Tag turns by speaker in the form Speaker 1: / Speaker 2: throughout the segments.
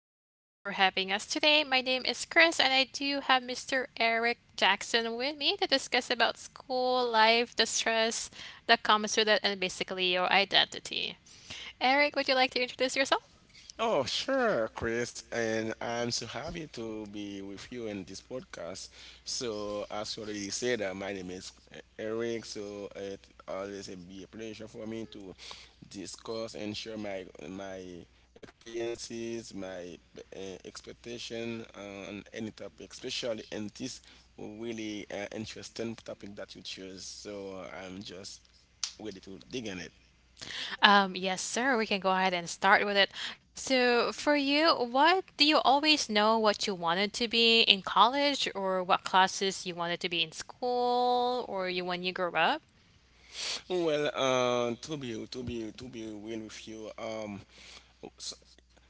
Speaker 1: you so much for having us today. My name is Chris, and I do have Mr. Eric Jackson with me to discuss about school life, the stress that comes with it, and basically your identity. Eric, would you like to introduce yourself?
Speaker 2: Oh, sure, Chris, and I'm so happy to be with you in this podcast. So, as you already said, my name is Eric. So, it always be a pleasure for me to discuss and share my experiences, my expectation on any topic, especially in this really interesting topic that you chose. So, I'm just ready to dig in it.
Speaker 1: Yes, sir. We can go ahead and start with it. So, for you, what do you always know what you wanted to be in college or what classes you wanted to be in school or you when you grew up?
Speaker 2: Well, to be real with you, s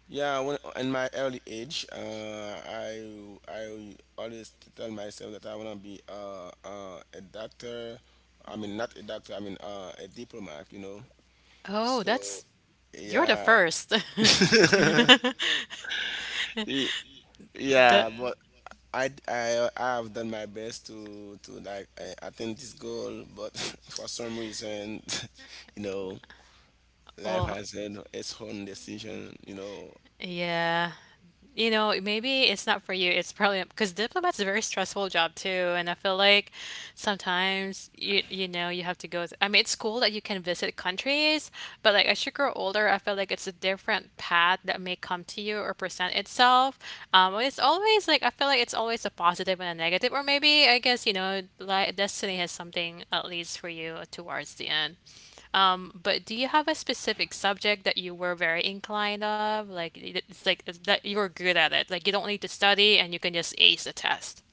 Speaker 2: yeah, when in my early age, I always tell myself that I wanna be a doctor. I mean, not a doctor. I mean, a diplomat. You know.
Speaker 1: Oh,
Speaker 2: So,
Speaker 1: that's you're the
Speaker 2: yeah,
Speaker 1: first.
Speaker 2: Y- yeah,
Speaker 1: That
Speaker 2: but. I have done my best to like attain this goal, but for some reason, you know, life
Speaker 1: well,
Speaker 2: has had its own decision, you know.
Speaker 1: yeah. You know, maybe it's not for you. It's probably because diplomat's a very stressful job too, and I feel like sometimes you know you have to go. I mean, it's cool that you can visit countries, but like as you grow older, I feel like it's a different path that may come to you or present itself. It's always like I feel like it's always a positive and a negative, or maybe I guess like destiny has something at least for you towards the end. But do you have a specific subject that you were very inclined of? Like it's like it's that you're good at it. Like you don't need to study and you can just ace the test.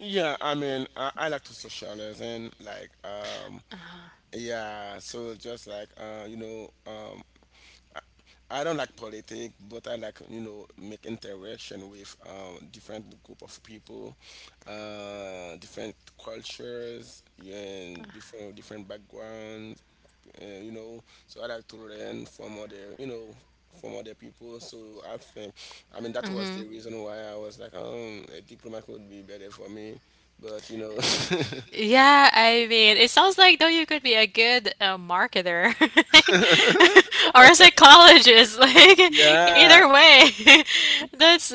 Speaker 2: Yeah, I mean, I like to socialize and like, yeah. So just like, you know, I, I don't like politics, but I like, you know, make interaction with different group of people, different cultures, yeah, and different backgrounds. And you know, so I like to learn from other, you know, from other people, so I think, I mean, that was the reason why I was like, a diploma could be better for me, but you know.
Speaker 1: Yeah, I mean, it sounds like though you could be a good marketer or a psychologist. Like
Speaker 2: Yeah.
Speaker 1: either way, that's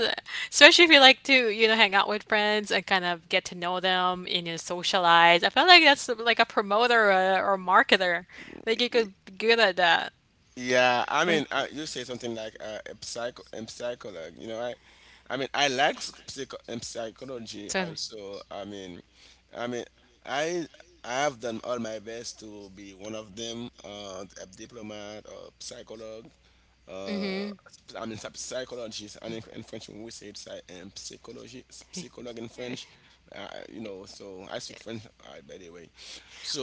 Speaker 1: especially if you like to, you know, hang out with friends and kind of get to know them and you know, socialize. I feel like that's like a promoter or marketer. Like you could be good at that.
Speaker 2: Yeah, I mean, you say something like a psychologue. You know, I mean, I like psychology
Speaker 1: Totally.
Speaker 2: also. I mean, I mean, I I have done all my best to be one of them, a diplomat or psychologue. Uh, I mean, psychologist. And in French, we say psychology, psychologue in French. You know, so I speak French, by the way.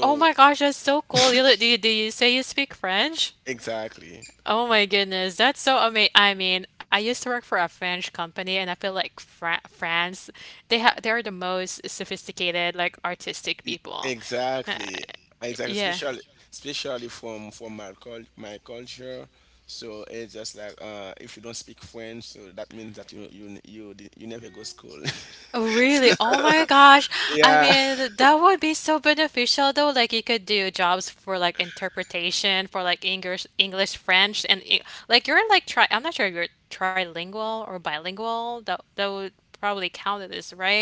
Speaker 1: Oh my gosh, that's so cool. You li do you say you speak French?
Speaker 2: exactly.
Speaker 1: Oh my goodness, that's so amazing! I mean, I used to work for a French company, and I feel like France, they are the most sophisticated, like artistic people.
Speaker 2: Exactly, exactly.
Speaker 1: Yeah.
Speaker 2: Especially from my cul my culture. So it's just like, if you don't speak French, so that means that you never go school.
Speaker 1: Oh, really? Oh my gosh. I
Speaker 2: Yeah.
Speaker 1: mean, that would be so beneficial though. Like you could do jobs for like interpretation for like English, English, French, and like you're like tri I'm not sure if you're trilingual or bilingual. That would probably count as, right?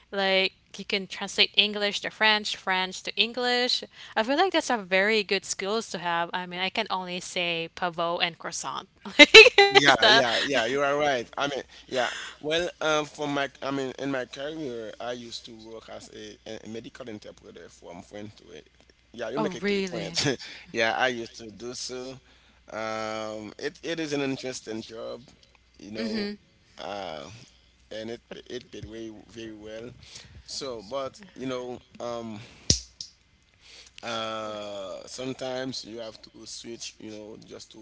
Speaker 1: Like you can translate English to French, French to English. I feel like that's a very good skills to have. I mean, I can only say pavot and croissant. Like, is
Speaker 2: Yeah,
Speaker 1: that?
Speaker 2: yeah, yeah, you are right. I mean, yeah. Well, I mean, in my career, I used to work as a medical interpreter from French to it. Yeah, you make
Speaker 1: Oh,
Speaker 2: it to the
Speaker 1: really?
Speaker 2: point. Yeah, I used to do so. It is an interesting job, you know, uh, and it paid way very well. So, but you know, sometimes you have to switch, you know, just to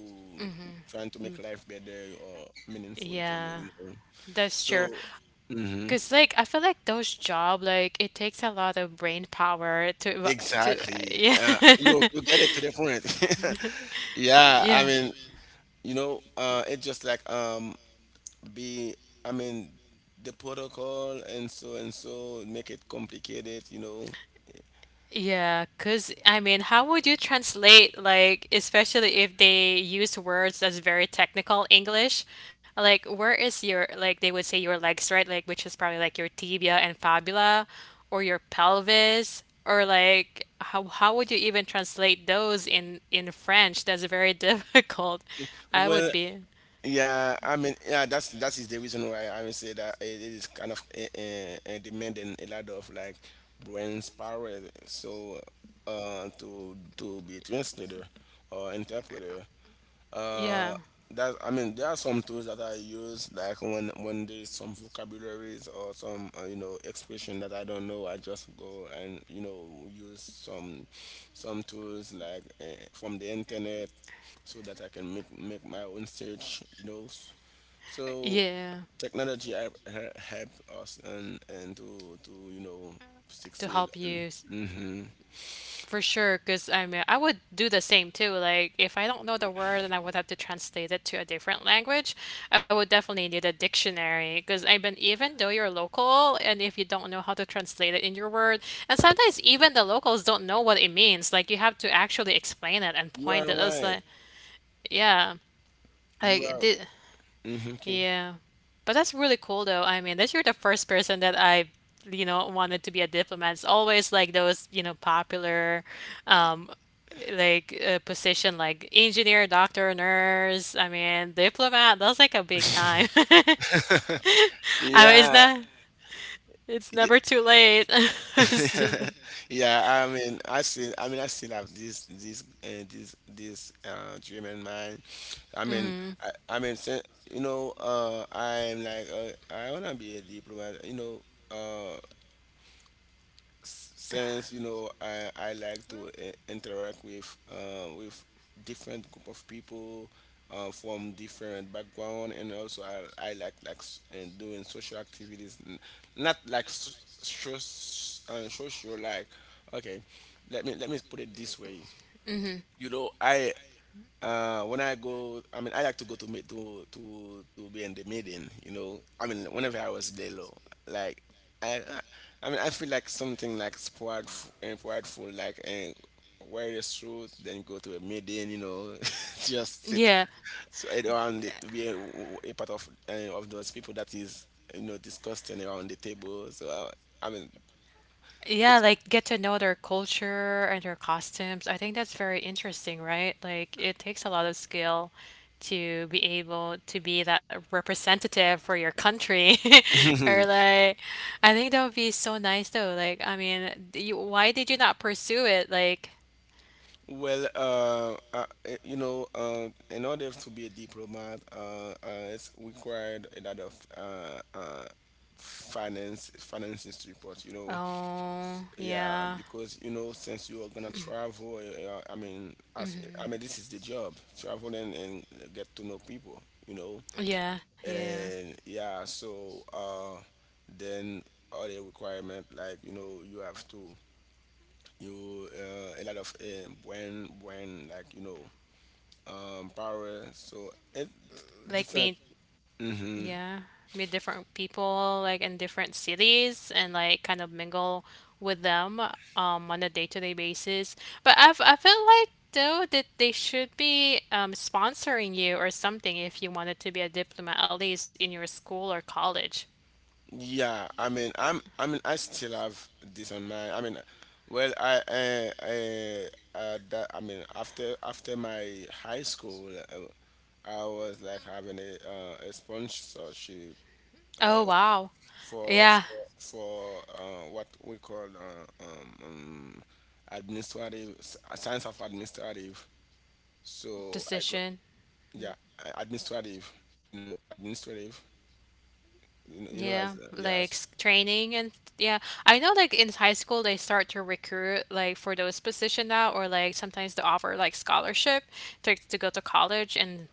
Speaker 2: trying to make life better or meaningful to
Speaker 1: Yeah,
Speaker 2: you, you know,
Speaker 1: that's true.
Speaker 2: so mhm.
Speaker 1: Because like I feel like those job like it takes a lot of brain power to
Speaker 2: Exactly,
Speaker 1: yeah
Speaker 2: you get it to the point. Yeah, I
Speaker 1: yeah
Speaker 2: mean, you know, it's just like, be I mean, the protocol and so make it complicated, you know.
Speaker 1: yeah. Because I mean, how would you translate like especially if they use words that's very technical English? Like where is your like they would say your legs right like which is probably like your tibia and fibula or your pelvis or like how would you even translate those in French? That's very difficult. I
Speaker 2: Well,
Speaker 1: would be
Speaker 2: yeah, I mean, yeah, that is the reason why I would say that it is kind of demanding a lot of like brain power. So, to be a translator or interpreter. Uh,
Speaker 1: yeah.
Speaker 2: that I mean, there are some tools that I use, like when there's some vocabularies or some, you know, expression that I don't know, I just go and, you know, use some tools like, from the internet, so that I can make my own search. You know. So
Speaker 1: Yeah,
Speaker 2: technology help us and to, you know,
Speaker 1: to
Speaker 2: succeed.
Speaker 1: help
Speaker 2: And
Speaker 1: you
Speaker 2: hmm,
Speaker 1: for sure. Because I mean, I would do the same too. Like, if I don't know the word and I would have to translate it to a different language, I would definitely need a dictionary. Because I mean, even though you're local, and if you don't know how to translate it in your word, and sometimes even the locals don't know what it means. Like, you have to actually explain it and
Speaker 2: you
Speaker 1: point
Speaker 2: are
Speaker 1: it. It's
Speaker 2: right.
Speaker 1: like, yeah,
Speaker 2: You
Speaker 1: like
Speaker 2: are.
Speaker 1: did. Yeah. But that's really cool though. I mean, that you're the first person that I, you know, wanted to be a diplomat. It's always like those, you know, popular um like position like engineer, doctor, nurse. I mean, diplomat, that's like a big
Speaker 2: Mm-hmm.
Speaker 1: time. I mean, it's
Speaker 2: yeah.
Speaker 1: not it's
Speaker 2: Yeah,
Speaker 1: never too late.
Speaker 2: yeah. I mean, I still, I mean, I still have this dream in mind. I mean, I mean, you know, I'm like, I wanna be a diplomat. You know. uh, since, you know, I like to, interact with, with different group of people, from different background. And also I like and doing social activities, not so, social like, okay, let me put it this way. You know, I, when I go, I mean, I like to go to meet to be in the meeting. You know, I mean, whenever I was there, low, like, I, I I mean, I feel like something like prideful, prideful, like, and wear the suit, then go to a meeting. You know. Just sit,
Speaker 1: Yeah.
Speaker 2: so around it to be a part of, of those people that is, you know, discussing around the table. So I mean,
Speaker 1: Yeah,
Speaker 2: it's.
Speaker 1: like get to know their culture and their costumes. I think that's very interesting, right? Like it takes a lot of skill to be able to be that representative for your country. Or like I think that would be so nice though. Like I mean, you, why did you not pursue it? Like,
Speaker 2: Well, you know, in order to be a diplomat, it's required a lot of, finance financing support. You know.
Speaker 1: oh,
Speaker 2: Yeah,
Speaker 1: yeah.
Speaker 2: because, you know, since you are gonna travel, I mean, as, I mean, this is the job, travel and get to know people. You know.
Speaker 1: Yeah, yeah.
Speaker 2: And yeah, so, then other requirement, like, you know, you have to, you a lot of, when like, you know, power, so it
Speaker 1: Like
Speaker 2: different.
Speaker 1: me
Speaker 2: Hmm.
Speaker 1: yeah, meet different people like in different cities and like kind of mingle with them on a day-to-day basis. But I've I feel like though that they should be sponsoring you or something if you wanted to be a diplomat, at least in your school or college.
Speaker 2: Yeah, I mean, I'm, I mean, I still have this on my, I mean, well, I, that, I mean, after my high school, I was like having a, a sponsorship, uh,
Speaker 1: Oh wow.
Speaker 2: for
Speaker 1: Yeah,
Speaker 2: what we call, administrative, science of administrative. So I got,
Speaker 1: position.
Speaker 2: yeah, administrative, you know, administrative. You know,
Speaker 1: Yeah,
Speaker 2: as
Speaker 1: like
Speaker 2: yes.
Speaker 1: training and yeah, I know like in high school they start to recruit like for those position now or like sometimes they offer like scholarship to go to college and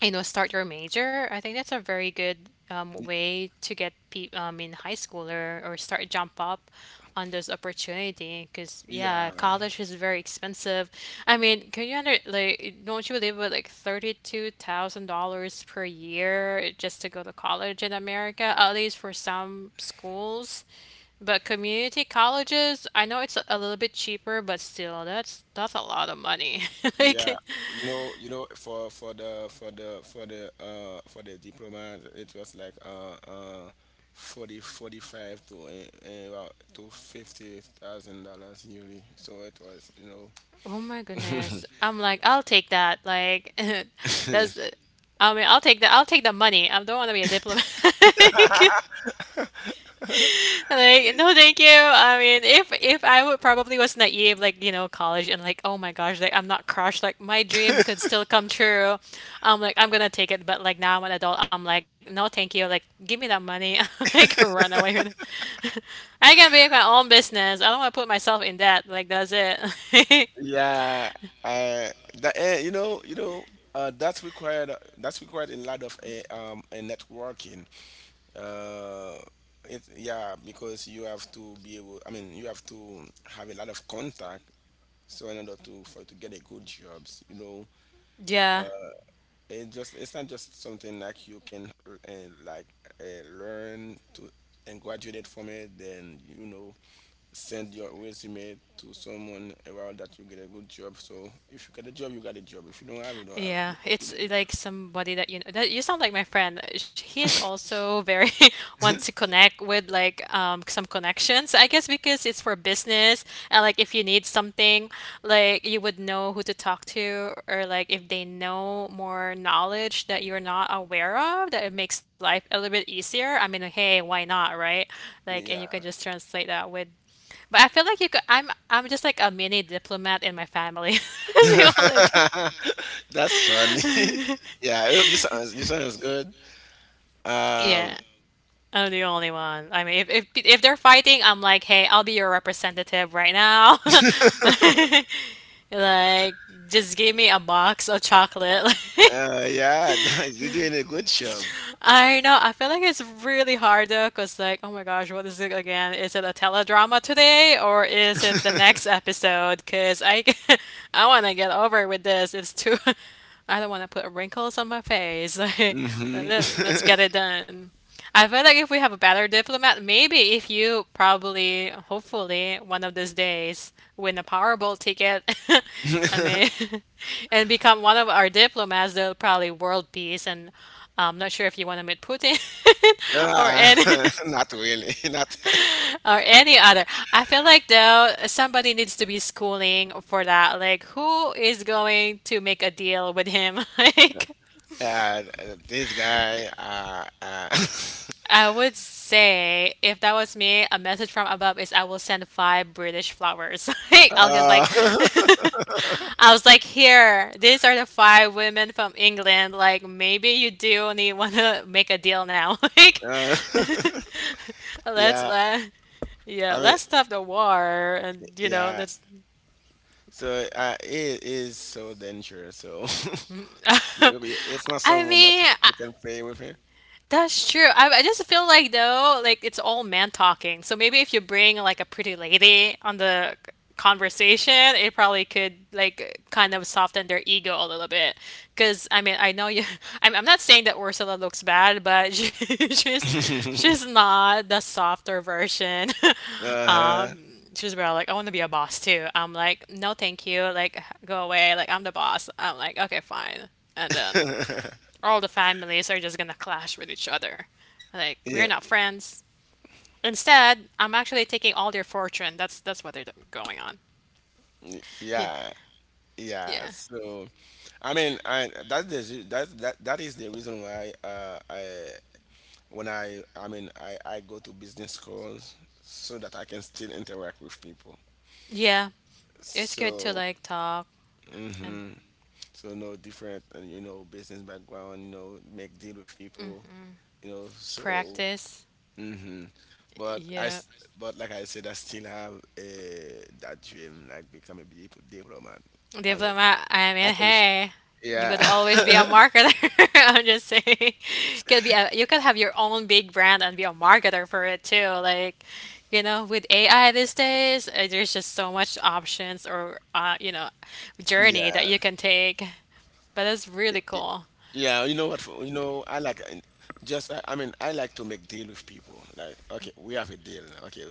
Speaker 1: you know, start your major. I think that's a very good
Speaker 2: Y-
Speaker 1: way to get people in high school or start jump up on those opportunity. Because yeah,
Speaker 2: yeah,
Speaker 1: college is very expensive. I mean, can you under like don't you live with like $32,000 per year just to go to college in America? At least for some schools. But community colleges, I know it's a little bit cheaper, but still, that's a lot of money.
Speaker 2: yeah.
Speaker 1: Like,
Speaker 2: You know, for the diploma, it was like, 45 to, well, to $50,000 yearly. So it was, you know.
Speaker 1: oh my goodness. I'm like, I'll take that. Like, that's the, I mean, I'll take that. I'll take the money. I don't want to be a diplomat. Like, no, thank you. I mean, if I would probably was naive, like, you know, college and like, oh my gosh, like I'm not crushed. Like my dream could still come true. I'm like, I'm gonna take it. But like now I'm an adult. I'm like, no, thank you. Like, give me that money. Like, run away with it. I can make my own business. I don't want to put myself in debt. Like, that's it.
Speaker 2: Yeah, uh, that, you know, that's required. That's required in a lot of, networking. Uh it Yeah, because you have to be able, I mean, you have to have a lot of contact, so in order to for to get a good jobs, you know.
Speaker 1: Yeah.
Speaker 2: uh it's not just something like you can, like, learn to and graduate from it, then, you know, send your resume to someone around that you get a good job. So if you get a job, you got a job, if you don't have, you don't have it.
Speaker 1: Yeah,
Speaker 2: Because
Speaker 1: it's eh, like somebody that you know that you sound like my friend. He's also very wants to connect with like some connections, I guess because it's for business and like if you need something, like you would know who to talk to or like if they know more knowledge that you're not aware of, that it makes life a little bit easier. I mean, hey, why not, right? Like and you could
Speaker 2: yeah.
Speaker 1: just translate that with but I feel like you could I'm just like a mini diplomat in my family. That's the only-
Speaker 2: That's funny. Yeah, this sounds, you sounds good. Um,
Speaker 1: Yeah. I'm the only one. I mean, if if they're fighting, I'm like, hey, I'll be your representative right now. Like, just give me a box of chocolate.
Speaker 2: yeah, you're doing a good job.
Speaker 1: I know. I feel like it's really hard though, cause like, oh my gosh, what is it again? Is it a teledrama today or is it the next episode? Cause I I want to get over with this. It's too. I don't want to put wrinkles on my face. Like,
Speaker 2: Hmm.
Speaker 1: let's get it done. I feel like if we have a better diplomat, maybe if you probably, hopefully, one of these days win a Powerball ticket and may and become one of our diplomats, they'll probably world peace. And I'm not sure if you want to meet Putin or
Speaker 2: Ah,
Speaker 1: any
Speaker 2: not really. Not,
Speaker 1: or any other. I feel like though somebody needs to be schooling for that. Like, who is going to make a deal with him? Like,
Speaker 2: uh, this guy.
Speaker 1: I would say if that was me, a message from above is I will send five British flowers. Like, I was
Speaker 2: Uh,
Speaker 1: like, I was like, here, these are the five women from England. Like, maybe you do need want to make a deal now. Like,
Speaker 2: uh,
Speaker 1: let's
Speaker 2: yeah,
Speaker 1: let yeah,
Speaker 2: I mean,
Speaker 1: let's stop the war, and you know,
Speaker 2: yeah.
Speaker 1: let's.
Speaker 2: So, it is so dangerous. So it's not
Speaker 1: I
Speaker 2: someone that
Speaker 1: mean,
Speaker 2: you can, play with
Speaker 1: that's true. I just feel like though, like it's all man talking. So maybe if you bring like a pretty lady on the conversation, it probably could like kind of soften their ego a little bit. Because I mean, I know you. I'm not saying that Ursula looks bad, but she's
Speaker 2: it.
Speaker 1: she's not the softer version.
Speaker 2: Uh-huh.
Speaker 1: She's about like, I want to be a boss too. I'm like, no, thank you. Like, go away. Like, I'm the boss. I'm like, okay, fine. And then all the families are just gonna clash with each other. Like,
Speaker 2: Yeah,
Speaker 1: we're not friends. Instead, I'm actually taking all their fortune. That's what they're going on. Yeah.
Speaker 2: yeah, yeah.
Speaker 1: Yeah.
Speaker 2: So. I mean, I that is the reason why, I, when I mean, I go to business schools so that I can still interact with people.
Speaker 1: Yeah. It's good to
Speaker 2: So,
Speaker 1: like talk and
Speaker 2: hmm, so no different, you know, business background, you know, make deal with people, you know. So,
Speaker 1: practice.
Speaker 2: hmm, but I
Speaker 1: Yeah.
Speaker 2: s- but like I said, I still have a that dream, like become a diplomat. I mean,
Speaker 1: Diplomat, I
Speaker 2: I
Speaker 1: mean,
Speaker 2: can,
Speaker 1: hey, you
Speaker 2: yeah,
Speaker 1: could always be a marketer. I'm just saying, could be a, you could have your own big brand and be a marketer for it too. Like, you know, with AI these days, there's just so much options or you know, journey
Speaker 2: yeah.
Speaker 1: that you can take. But that's really cool.
Speaker 2: Yeah, you know what? You know, I like, and just I mean, I like to make deal with people. Like, okay, we have a deal. Okay,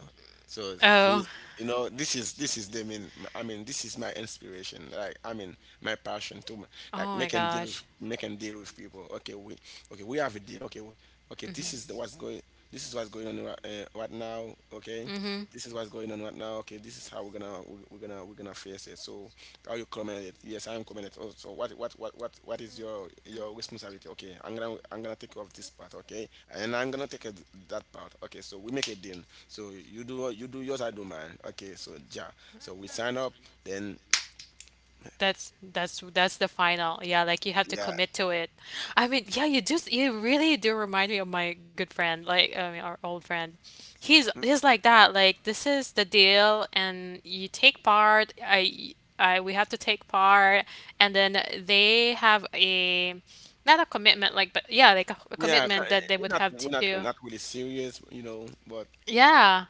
Speaker 2: so
Speaker 1: Oh,
Speaker 2: he's, you know, this is the mean, I mean, this is my inspiration. Like, I mean, my passion to, like,
Speaker 1: oh my
Speaker 2: making deal with
Speaker 1: gosh.
Speaker 2: people. Okay, we okay, we have a deal. Okay, okay, this is the, what's going this is what's going on right, right now. Okay, this is what's going on right now. Okay, this is how we're gonna face it. So how you comment it? Yes, I'm comment it. Oh, so what is your responsibility? Okay, I'm gonna take care of this part. Okay, and I'm gonna take care of that part. Okay, so we make a deal. So you do, yours, I do mine. Okay, so yeah, so we sign up. Then
Speaker 1: That's the final. Yeah, like you have to
Speaker 2: yeah.
Speaker 1: commit to it. I mean, yeah, you just you really do remind me of my good friend, I mean, our old friend. He's like that. Like this is the deal, and you take part. I we have to take part, and then they have a not a commitment, like but yeah, like a
Speaker 2: yeah, ki-
Speaker 1: commitment that they
Speaker 2: it's
Speaker 1: would
Speaker 2: not,
Speaker 1: have
Speaker 2: we're
Speaker 1: to.
Speaker 2: not really serious, you know, but.
Speaker 1: Yeah.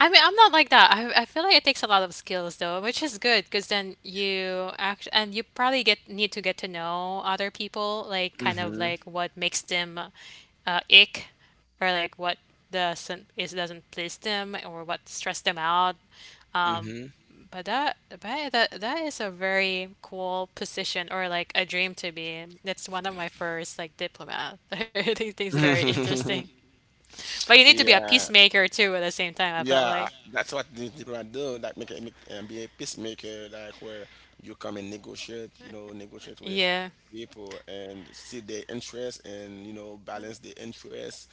Speaker 1: I mean, I'm not like that. I feel like it takes a lot of skills though, which is good because then you act and you probably get need to get to know other people, like kind of
Speaker 2: Hmm.
Speaker 1: like what makes them ick or like what doesn't is doesn't please them or what stress them out. Um, but that that is a very cool position or like a dream to be in. That's one of my first like diplomat. I think it's very
Speaker 2: Hmm.
Speaker 1: interesting. But you need to be a
Speaker 2: Yeah.
Speaker 1: peacemaker too at the same time, I felt
Speaker 2: Yeah,
Speaker 1: like.
Speaker 2: that's what these people are doing. Like, make, be a peacemaker, like where you come and negotiate, you know, negotiate with
Speaker 1: Yeah.
Speaker 2: people and see their interests and, you know, balance the interests,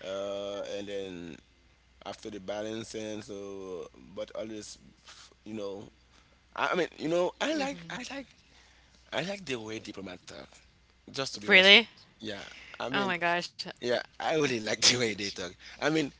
Speaker 2: and then after the balancing, so, but always, you know, I mean, you know, I like the way diplomat talk. Just to be honest with
Speaker 1: Really?
Speaker 2: you, yeah. I mean,
Speaker 1: Oh my gosh.
Speaker 2: yeah, I really like the way they talk. I mean,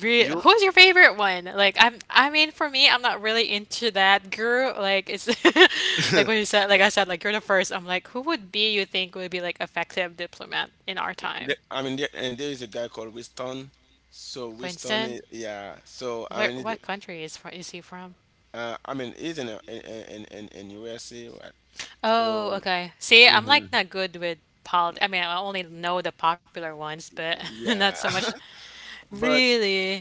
Speaker 1: Re
Speaker 2: you
Speaker 1: Who's your favorite one? Like I mean for me, I'm not really into that girl. Like it's like when you said like I said, like you're the first. I'm like, who would be you think would be like effective diplomat in our time?
Speaker 2: I mean, there, and there is a guy called Winston. So Winston,
Speaker 1: Winston?
Speaker 2: is, yeah.
Speaker 1: Where what country is he from?
Speaker 2: He's in a, in, in USA, right?
Speaker 1: Oh,
Speaker 2: So
Speaker 1: okay. See, I'm like
Speaker 2: mhm,
Speaker 1: not good with politics. I mean, I only know the popular ones, but not so
Speaker 2: yeah,
Speaker 1: much.
Speaker 2: but
Speaker 1: Really?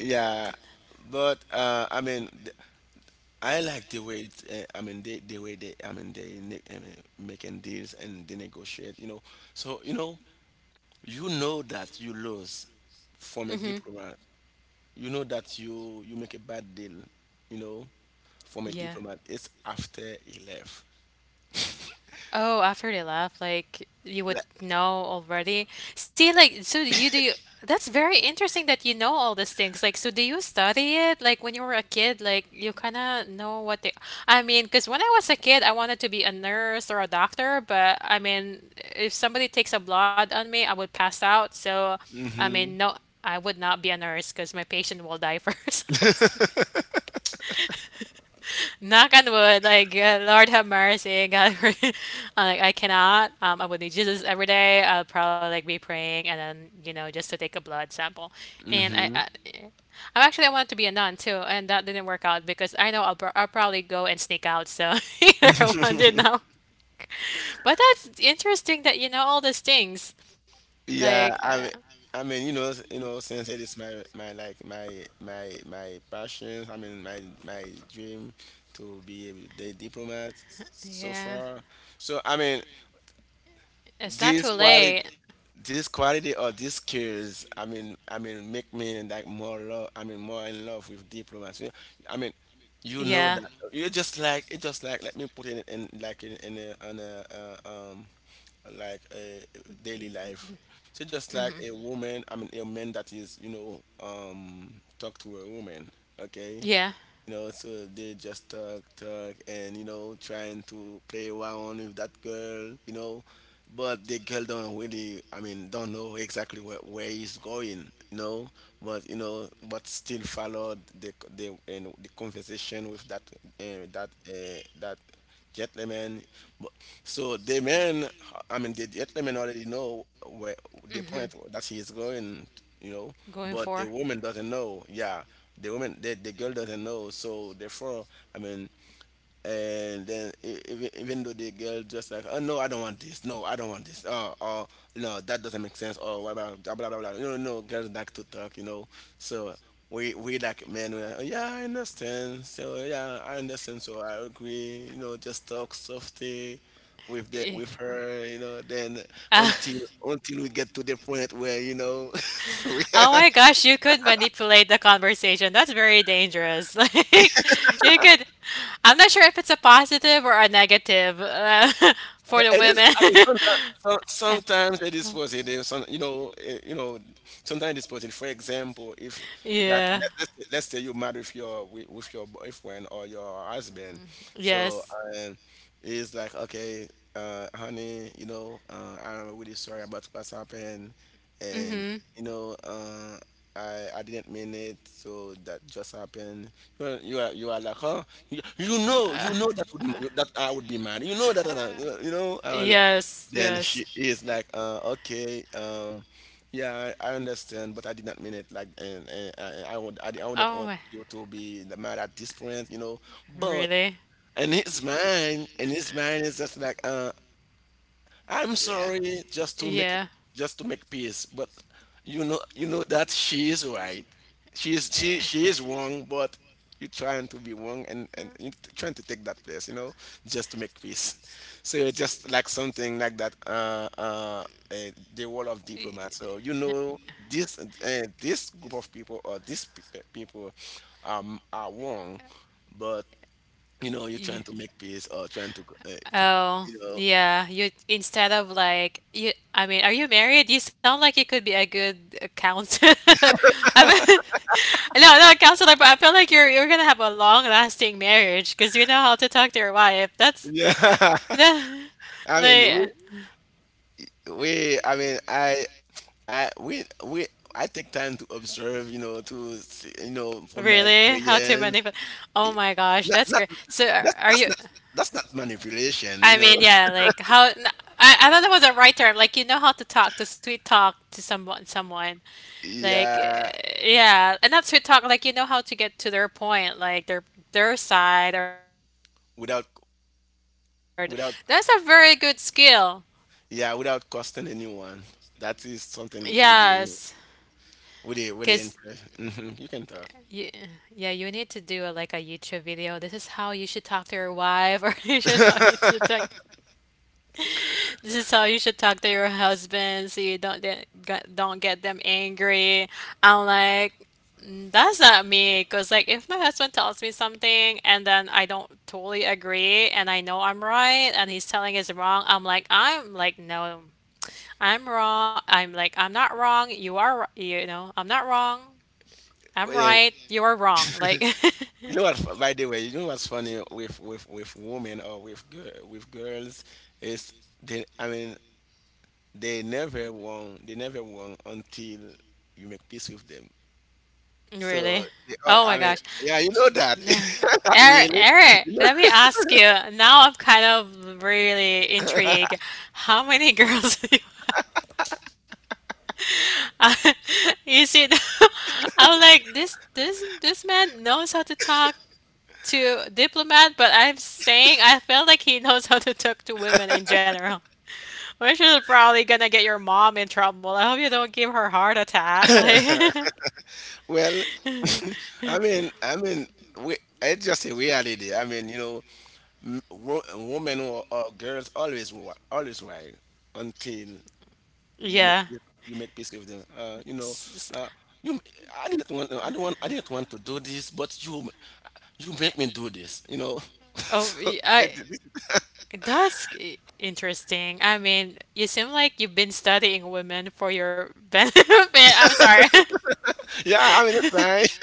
Speaker 2: yeah, but I mean, th- I like the way it's, I mean, they the way they I mean they ne- I mean, making deals and they negotiate. So you know, you know that you lose from a diplomat, you know that you make a bad deal, you know, from a
Speaker 1: Yeah.
Speaker 2: diplomat. It's after he left.
Speaker 1: Oh, after they laugh, like you would
Speaker 2: Like,
Speaker 1: know already. See, like, so you do. You, that's very interesting that you know all these things. Like, so do you study it? Like, when you were a kid, like, you kind of know what they. I mean, because when I was a kid, I wanted to be a nurse or a doctor, but I mean, if somebody takes a blood on me, I would pass out. So, I
Speaker 2: mm-hmm,
Speaker 1: mean, no, I would not be a nurse because my patient will die first. Knock on wood, like Lord have mercy, God, I'm like I cannot. I would need Jesus every day. I'll probably like be praying, and then you know just to take a blood sample. And
Speaker 2: mm-hmm.
Speaker 1: I actually I wanted to be a nun too, and that didn't work out because I know I'll, I'll probably go and sneak out. So either one did not. But that's interesting that you know all these things. Like,
Speaker 2: Yeah, I mean, you know, s- you know, since it is my passion. My my dream to be a, the diplomat, so
Speaker 1: yeah,
Speaker 2: far. So I mean,
Speaker 1: it's not
Speaker 2: this
Speaker 1: too
Speaker 2: quality,
Speaker 1: late.
Speaker 2: this quality or these skills make me like more love, more in love with diplomacy. I mean you know
Speaker 1: Yeah,
Speaker 2: that You just like it. Just like, let me put it in, like in a on a like a daily life. So just like a woman, a man that is, talk to a woman, okay?
Speaker 1: yeah,
Speaker 2: So they just talk, talk, and, you know, trying to play around with that girl. You know, but the girl don't really, don't know exactly where he's going. You know, but still followed the conversation with that gentleman. So the man, the gentleman already know where the point that he is going, you know,
Speaker 1: going
Speaker 2: but the
Speaker 1: for.
Speaker 2: woman doesn't know. Yeah, the woman, the girl doesn't know. So therefore, I mean, and then even though the girl just like, oh no, I don't want this, no I don't want this, oh, or no, that doesn't make sense, or what about blah blah blah blah, you know, no, girls like to talk, you know. So we like men, we're like, yeah I understand, so yeah I understand, so I agree, you know, just talk softly
Speaker 1: Yeah.
Speaker 2: with her, you know. Then until until we get to the point where, you know, we.
Speaker 1: Oh my gosh, you could manipulate the conversation. That's very dangerous. Like you could I'm not sure if it's a positive or a negative for the
Speaker 2: Yeah, it is.
Speaker 1: women.
Speaker 2: Sometimes it is positive. Sometimes it's positive. For example, if, like,
Speaker 1: Yeah.
Speaker 2: let's say you marry with with your boyfriend or your husband. so
Speaker 1: Yes.
Speaker 2: um, it's like, okay, honey, you know, I'm really sorry about what's happened,
Speaker 1: Mm-hmm.
Speaker 2: and, you know, I didn't mean it, so that just happened. You are like, huh? You know that would, that I would be mad. You know that, you know, I will.
Speaker 1: Yes.
Speaker 2: Then
Speaker 1: Yes.
Speaker 2: she is like, okay, yeah, I understand, but I did not mean it. Like, and I would, I wouldn't
Speaker 1: Oh,
Speaker 2: want
Speaker 1: my-
Speaker 2: you to be mad at this point, you know. But
Speaker 1: really?
Speaker 2: in his mind, it's just like, I'm
Speaker 1: Yeah.
Speaker 2: sorry, just to make,
Speaker 1: Yeah.
Speaker 2: just to make peace. But you know, you know that she is right. She is, she is wrong, but you're trying to be wrong, and you're trying to take that place, you know, just to make peace. So it's just like something like that, the world of diplomats. So, you know, this group of people, or people, um, are wrong, but you know, you're trying to make peace, or trying to, to,
Speaker 1: Oh,
Speaker 2: you know.
Speaker 1: yeah. You instead of like you, I mean, are you married? You sound like you could be a good accountant. No, no, counselor, but I feel like you're gonna have a long lasting marriage because you know how to talk to your wife. That's
Speaker 2: Yeah,
Speaker 1: that,
Speaker 2: I mean,
Speaker 1: like
Speaker 2: we, I mean, I, we, I take time to observe, you know, to see, you know, from my
Speaker 1: really how to
Speaker 2: experience.
Speaker 1: manipulate. Oh
Speaker 2: It-
Speaker 1: my gosh,
Speaker 2: Not,
Speaker 1: that's
Speaker 2: not,
Speaker 1: great. So are
Speaker 2: that's,
Speaker 1: are
Speaker 2: that's
Speaker 1: you?
Speaker 2: not, that's not manipulation,
Speaker 1: I
Speaker 2: you know.
Speaker 1: mean, yeah, like how? I don't know what the right term. Like you know how to talk, to sweet talk to someone, someone like
Speaker 2: Yeah,
Speaker 1: eh, yeah, and not sweet talk. Like you know how to get to their point, like their side, or
Speaker 2: without,
Speaker 1: that's a very good
Speaker 2: without,
Speaker 1: skill.
Speaker 2: yeah, without costing anyone. That is something really,
Speaker 1: Yes,
Speaker 2: really, really
Speaker 1: because
Speaker 2: interesting. You can talk.
Speaker 1: you, yeah, you need to do a, like a YouTube video. This is how you should talk to your wife, or you should how you should talk, this is how you should talk to your husband, so you don't get, don't get them angry. I'm like, "Mm, that's not me, because like if my husband tells me something and then I don't totally agree, and I know I'm right, and he's telling is wrong, I'm like, no, I'm wrong. I'm like, I'm not wrong. You are, you know, I'm not wrong.
Speaker 2: Well,
Speaker 1: I'm
Speaker 2: yeah.
Speaker 1: right. You're wrong. Like.
Speaker 2: You know what? By the way, you know what's funny with women, or with girl, with girls, is they. They never won. They never won until you make peace with them. So
Speaker 1: Really?
Speaker 2: they all,
Speaker 1: Oh my
Speaker 2: I mean,
Speaker 1: gosh.
Speaker 2: Yeah, you know that. Not
Speaker 1: Eric,
Speaker 2: really.
Speaker 1: Eric,
Speaker 2: You
Speaker 1: let me ask you. Now I'm kind of really intrigued. How many girls do you I- you see, I'm like this man knows how to talk to diplomat, but I'm saying I feel like he knows how to talk to women in general, which is probably gonna get your mom in trouble. I hope you don't give her heart attack.
Speaker 2: know, well, I mean, we, it's just a reality. I mean, you know, women, or girls, always right until
Speaker 1: Like,
Speaker 2: you make
Speaker 1: yeah.
Speaker 2: peace, you make peace with them. You know,
Speaker 1: S- s-
Speaker 2: uh, you. I didn't want, I don't want, I didn't want to do this, but you make me do this, you know.
Speaker 1: Oh,
Speaker 2: So it.
Speaker 1: I that's interesting. I mean, you seem like you've been studying women for your benefit. I'm sorry.
Speaker 2: Yeah, I mean, that's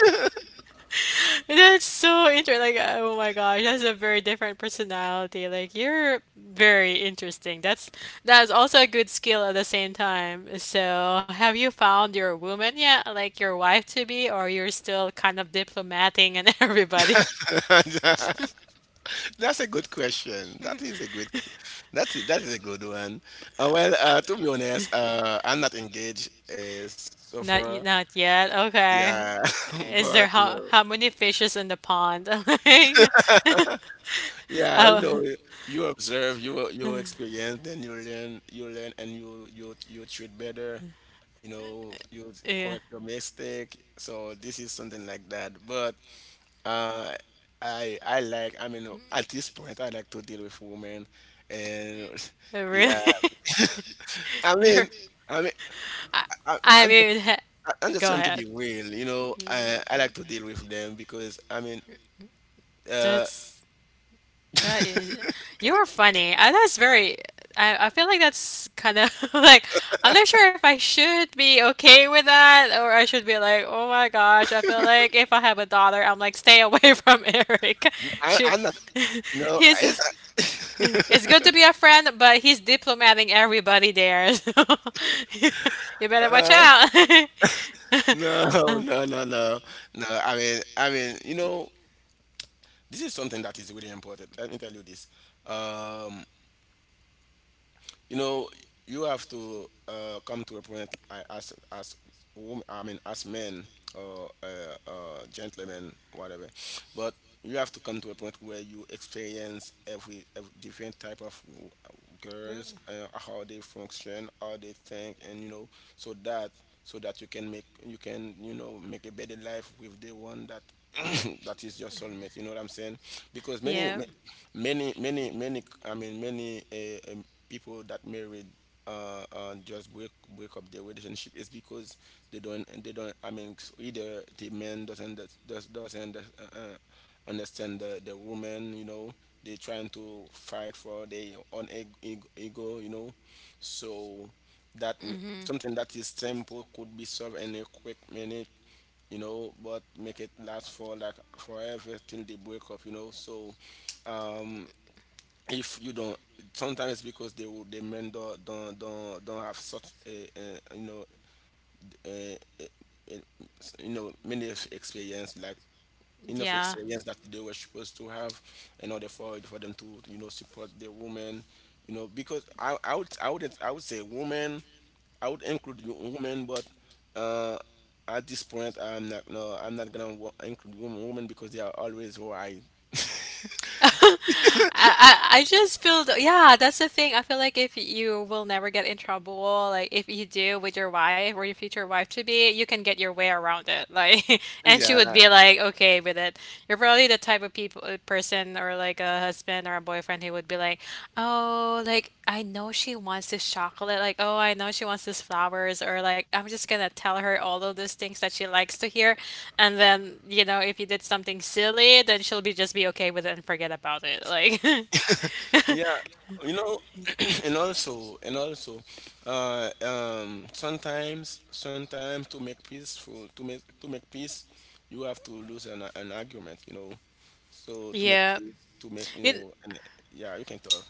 Speaker 1: That's so interesting. Like, oh my gosh, that's a very different personality. Like, you're very interesting. That's also a good skill at the same time. So, have you found your woman yet? Like your wife to be, or you're still kind of diplomating and everybody?
Speaker 2: fine. That's a good question. That is a good. That is a good one. Well, to be honest, I'm not engaged, so
Speaker 1: Not
Speaker 2: far.
Speaker 1: not yet. Okay.
Speaker 2: Yeah,
Speaker 1: Is there
Speaker 2: but you know,
Speaker 1: how many fishes in the pond? Like,
Speaker 2: yeah, you
Speaker 1: oh,
Speaker 2: know, you observe, you experience, then you learn, and you treat better. You know, you
Speaker 1: yeah.
Speaker 2: correct your mistake. So this is something like that. But, uh, I like, I mean, at this point, I like to deal with women, and
Speaker 1: Oh, really?
Speaker 2: yeah. I mean,
Speaker 1: You're,
Speaker 2: I mean, I,
Speaker 1: I
Speaker 2: I'm just,
Speaker 1: mean,
Speaker 2: I'm just
Speaker 1: go
Speaker 2: trying to
Speaker 1: ahead.
Speaker 2: be real. You know, I like to deal with them because, I mean, uh,
Speaker 1: That's that is you're funny. That's very. I feel like that's kind of like I'm not sure if I should be okay with that or I should be like, oh my gosh. I feel like if I have a daughter, I'm like, stay away from Eric. She,
Speaker 2: I'm not. You know,
Speaker 1: he's
Speaker 2: it's.
Speaker 1: it's good to be a friend, but he's diplomating everybody there. So you better watch
Speaker 2: Uh,
Speaker 1: out.
Speaker 2: no, no, no, no, no. I mean, you know, this is something that is really important. Let me tell you this. Um, you know, you have to, come to a point, as as men, or gentlemen, whatever. But you have to come to a point where you experience every different type of girls, how they function, how they think, and, you know, so that, so that you can make, you can, you know, make a better life with the one that that is your soulmate, you know what I'm saying? Because many ma-
Speaker 1: Yeah,
Speaker 2: many many many I mean many people that married, just break, break up their relationship, is because they don't, they don't, either the man doesn't, doesn't, uh, understand the woman, you know, they trying to fight for their own ego, you know, so that m- something that is simple could be solved in a quick minute, you know, but make it last for like forever till they break up, you know. So, um, if you don't, sometimes it's because they will, the men don't, don't have such a, you know, a, a, a, you know, many of experience, like enough
Speaker 1: yeah.
Speaker 2: experience that they were supposed to have in order for them to, you know, support the woman, you know, because I would say woman, I would include you woman, but, uh, at this point I'm not, no, I'm not gonna include woman, woman, because they are always right.
Speaker 1: I I just feel yeah, that's the thing. I feel like if you will never get in trouble, like if you do with your wife or your future wife to be, you can get your way around it. Like, and she would be like okay with it. You're probably the type of people, person or like a husband or a boyfriend who would be like, "Oh, like I know she wants this chocolate. Like, oh, I know she wants these flowers." Or like, "I'm just gonna tell her all of those things that she likes to hear." And then, you know, if you did something silly, then she'll be just be okay with it and forget about it. Like,
Speaker 2: Yeah, you know, and also, sometimes, sometimes to make peace, for to make peace, you have to lose an argument, you know. So to make
Speaker 1: yeah.
Speaker 2: peace, to make, you
Speaker 1: You-
Speaker 2: know, and yeah, you can talk.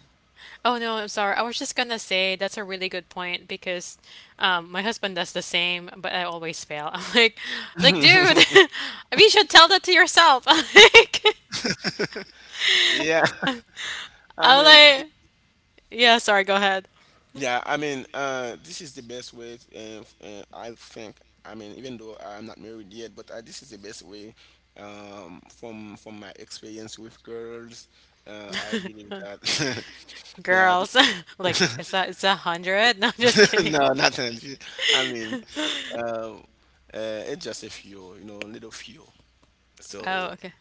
Speaker 1: oh no, I'm sorry. I was just gonna say that's a really good point because my husband does the same, but I always fail. I'm like, dude, you should tell that to yourself. Like,
Speaker 2: Yeah, I
Speaker 1: I'm
Speaker 2: mean,
Speaker 1: like, yeah, sorry, go ahead.
Speaker 2: yeah, I mean, this is the best way, I think. I mean, even though I'm not married yet, but, this is the best way, from my experience with girls. I believe that, yeah,
Speaker 1: Girls, like, it's 100? No, just kidding.
Speaker 2: no, not energy. I mean, um, it's just a few, you know, little few.
Speaker 1: Oh,
Speaker 2: So,
Speaker 1: okay.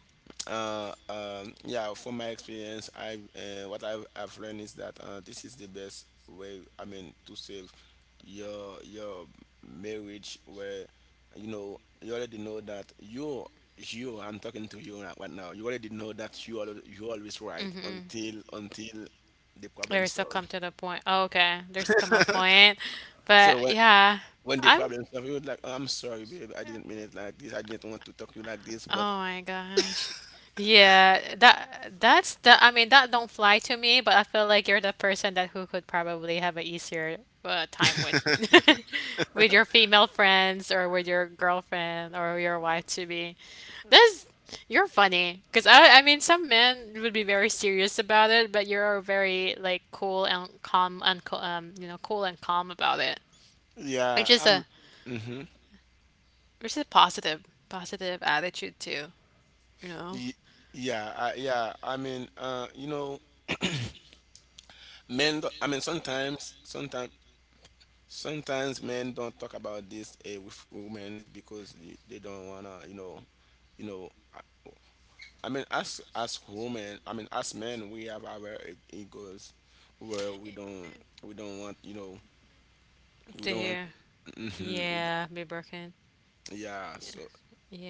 Speaker 2: yeah, from my experience, I what I've learned is that, this is the best way. I mean, to save your marriage, where you know, you already know that you, I'm talking to you right now. You already know that you are, you always right, until the problem
Speaker 1: There's still come
Speaker 2: solved.
Speaker 1: to the point. Oh, okay. There's come a point. But
Speaker 2: So when
Speaker 1: yeah,
Speaker 2: when the
Speaker 1: I'm
Speaker 2: problem solved, you would like, oh, I'm sorry, babe, I didn't mean it like this. I didn't want to talk to you like this,
Speaker 1: oh
Speaker 2: but
Speaker 1: my gosh. Yeah, that that's the I mean that don't fly to me, but I feel like you're the person that who could probably have a easier time with with your female friends or with your girlfriend or your wife to be. That's you're funny because I mean some men would be very serious about it, but you're very like cool and calm and you know cool and calm about it.
Speaker 2: yeah,
Speaker 1: Which is
Speaker 2: I'm.
Speaker 1: a
Speaker 2: Mm-hmm.
Speaker 1: which is a positive positive attitude too, you know.
Speaker 2: Y- yeah, yeah. I mean, you know, men. Sometimes men don't talk about this, with women, is because they don't wanna, you know, you know, I mean, as women, I mean, as men, we have our egos, where we don't want, you know, we don't want.
Speaker 1: Yeah.
Speaker 2: We don't,
Speaker 1: Yeah, be broken.
Speaker 2: yeah. So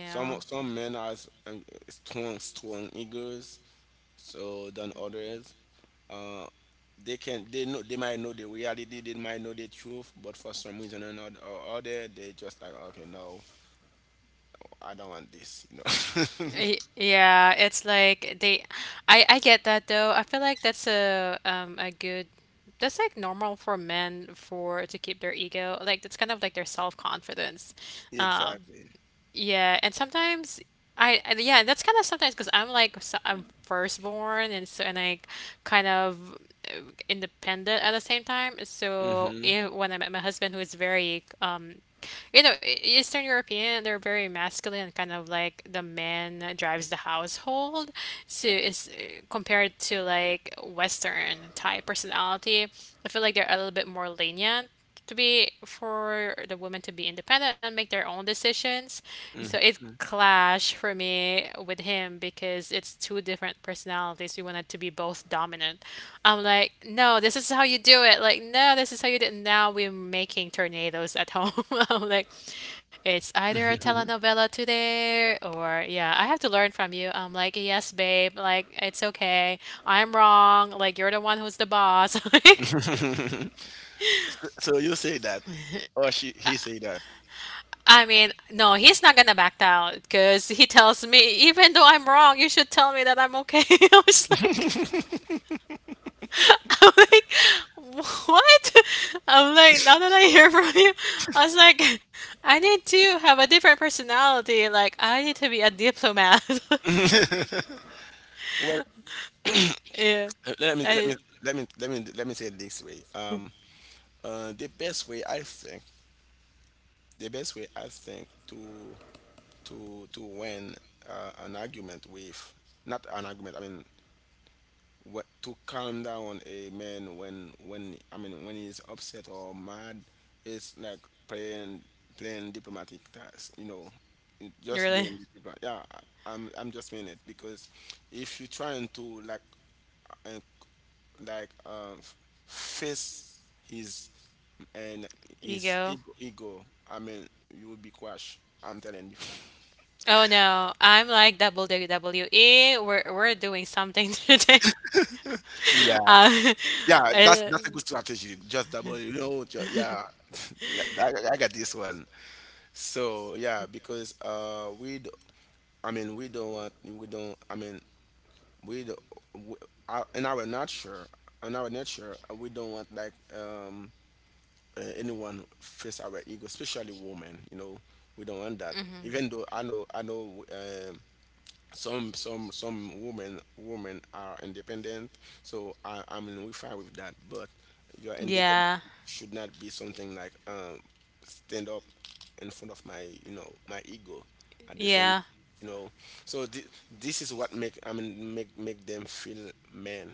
Speaker 2: some some men has strong egos, so than others uh, they know they might know the reality, they might know the truth, but for some reason or not or other they just like, okay, no, I don't want this.
Speaker 1: Yeah, it's like they I get that though. I feel like that's a good that's like normal for men for to keep their ego. Like that's kind of like their self-confidence. Um
Speaker 2: Exactly.
Speaker 1: yeah, and sometimes I yeah, that's kind of sometimes because I'm like s I'm firstborn and so and I kind of uh, independent at the same time. So
Speaker 2: Hmm.
Speaker 1: if, when I met my husband who is very you know, Eastern European, they're very masculine, and kind of like the man drives the household. So it's compared to like Western type personality. I feel like they're a little bit more lenient to be for the women to be independent and make their own decisions. So it clash for me with him because it's two different personalities. We wanted to be both dominant. I'm like, no, this is how you do it. Like, no, this is how you do it. Now we're making tornadoes at home. I'm like, it's either a telenovela today or, yeah, I have to learn from you. I'm like, yes, babe. Like, it's okay. I'm wrong. Like, you're the one who's the boss. Like,
Speaker 2: So, so you say that, or she, he say that?
Speaker 1: I mean, no, he's not gonna back down because he tells me, even though I'm wrong, you should tell me that I'm okay. I was like, I'm like, what? I'm like, now that I hear from you, I was like, I need to have a different personality. Like, I need to be a diplomat. Like,
Speaker 2: Well,
Speaker 1: yeah,
Speaker 2: let me let me
Speaker 1: I
Speaker 2: let me let me let me say it this way. The best way I think, the best way I think to to win an argument with, not an argument, I mean, what, to calm down a man when, when he's upset or mad, it's like playing playing diplomatic task, you know, just
Speaker 1: really
Speaker 2: being diplomatic, yeah. I'm just saying it because if you're trying to like, uh, like face his, and his
Speaker 1: ego.
Speaker 2: ego, I mean, you will be crushed, I'm telling you.
Speaker 1: Oh no, I'm like WWE. We're doing something today.
Speaker 2: Yeah.
Speaker 1: Um,
Speaker 2: Yeah,
Speaker 1: I-
Speaker 2: that's a good strategy. Just double, you know. Yeah, I got this one. So yeah, because I mean, we don't want, we don't, I mean, we do, we uh, in our nature, in our nature, we don't want like anyone face our ego, especially women. You know, we don't want that. Even though I know, some women are independent, so I mean we fine with that, but your independence
Speaker 1: yeah,
Speaker 2: should not be something like, stand up in front of my, you know, my ego at the same,
Speaker 1: yeah.
Speaker 2: you know. So this is what make, I mean, make them feel men.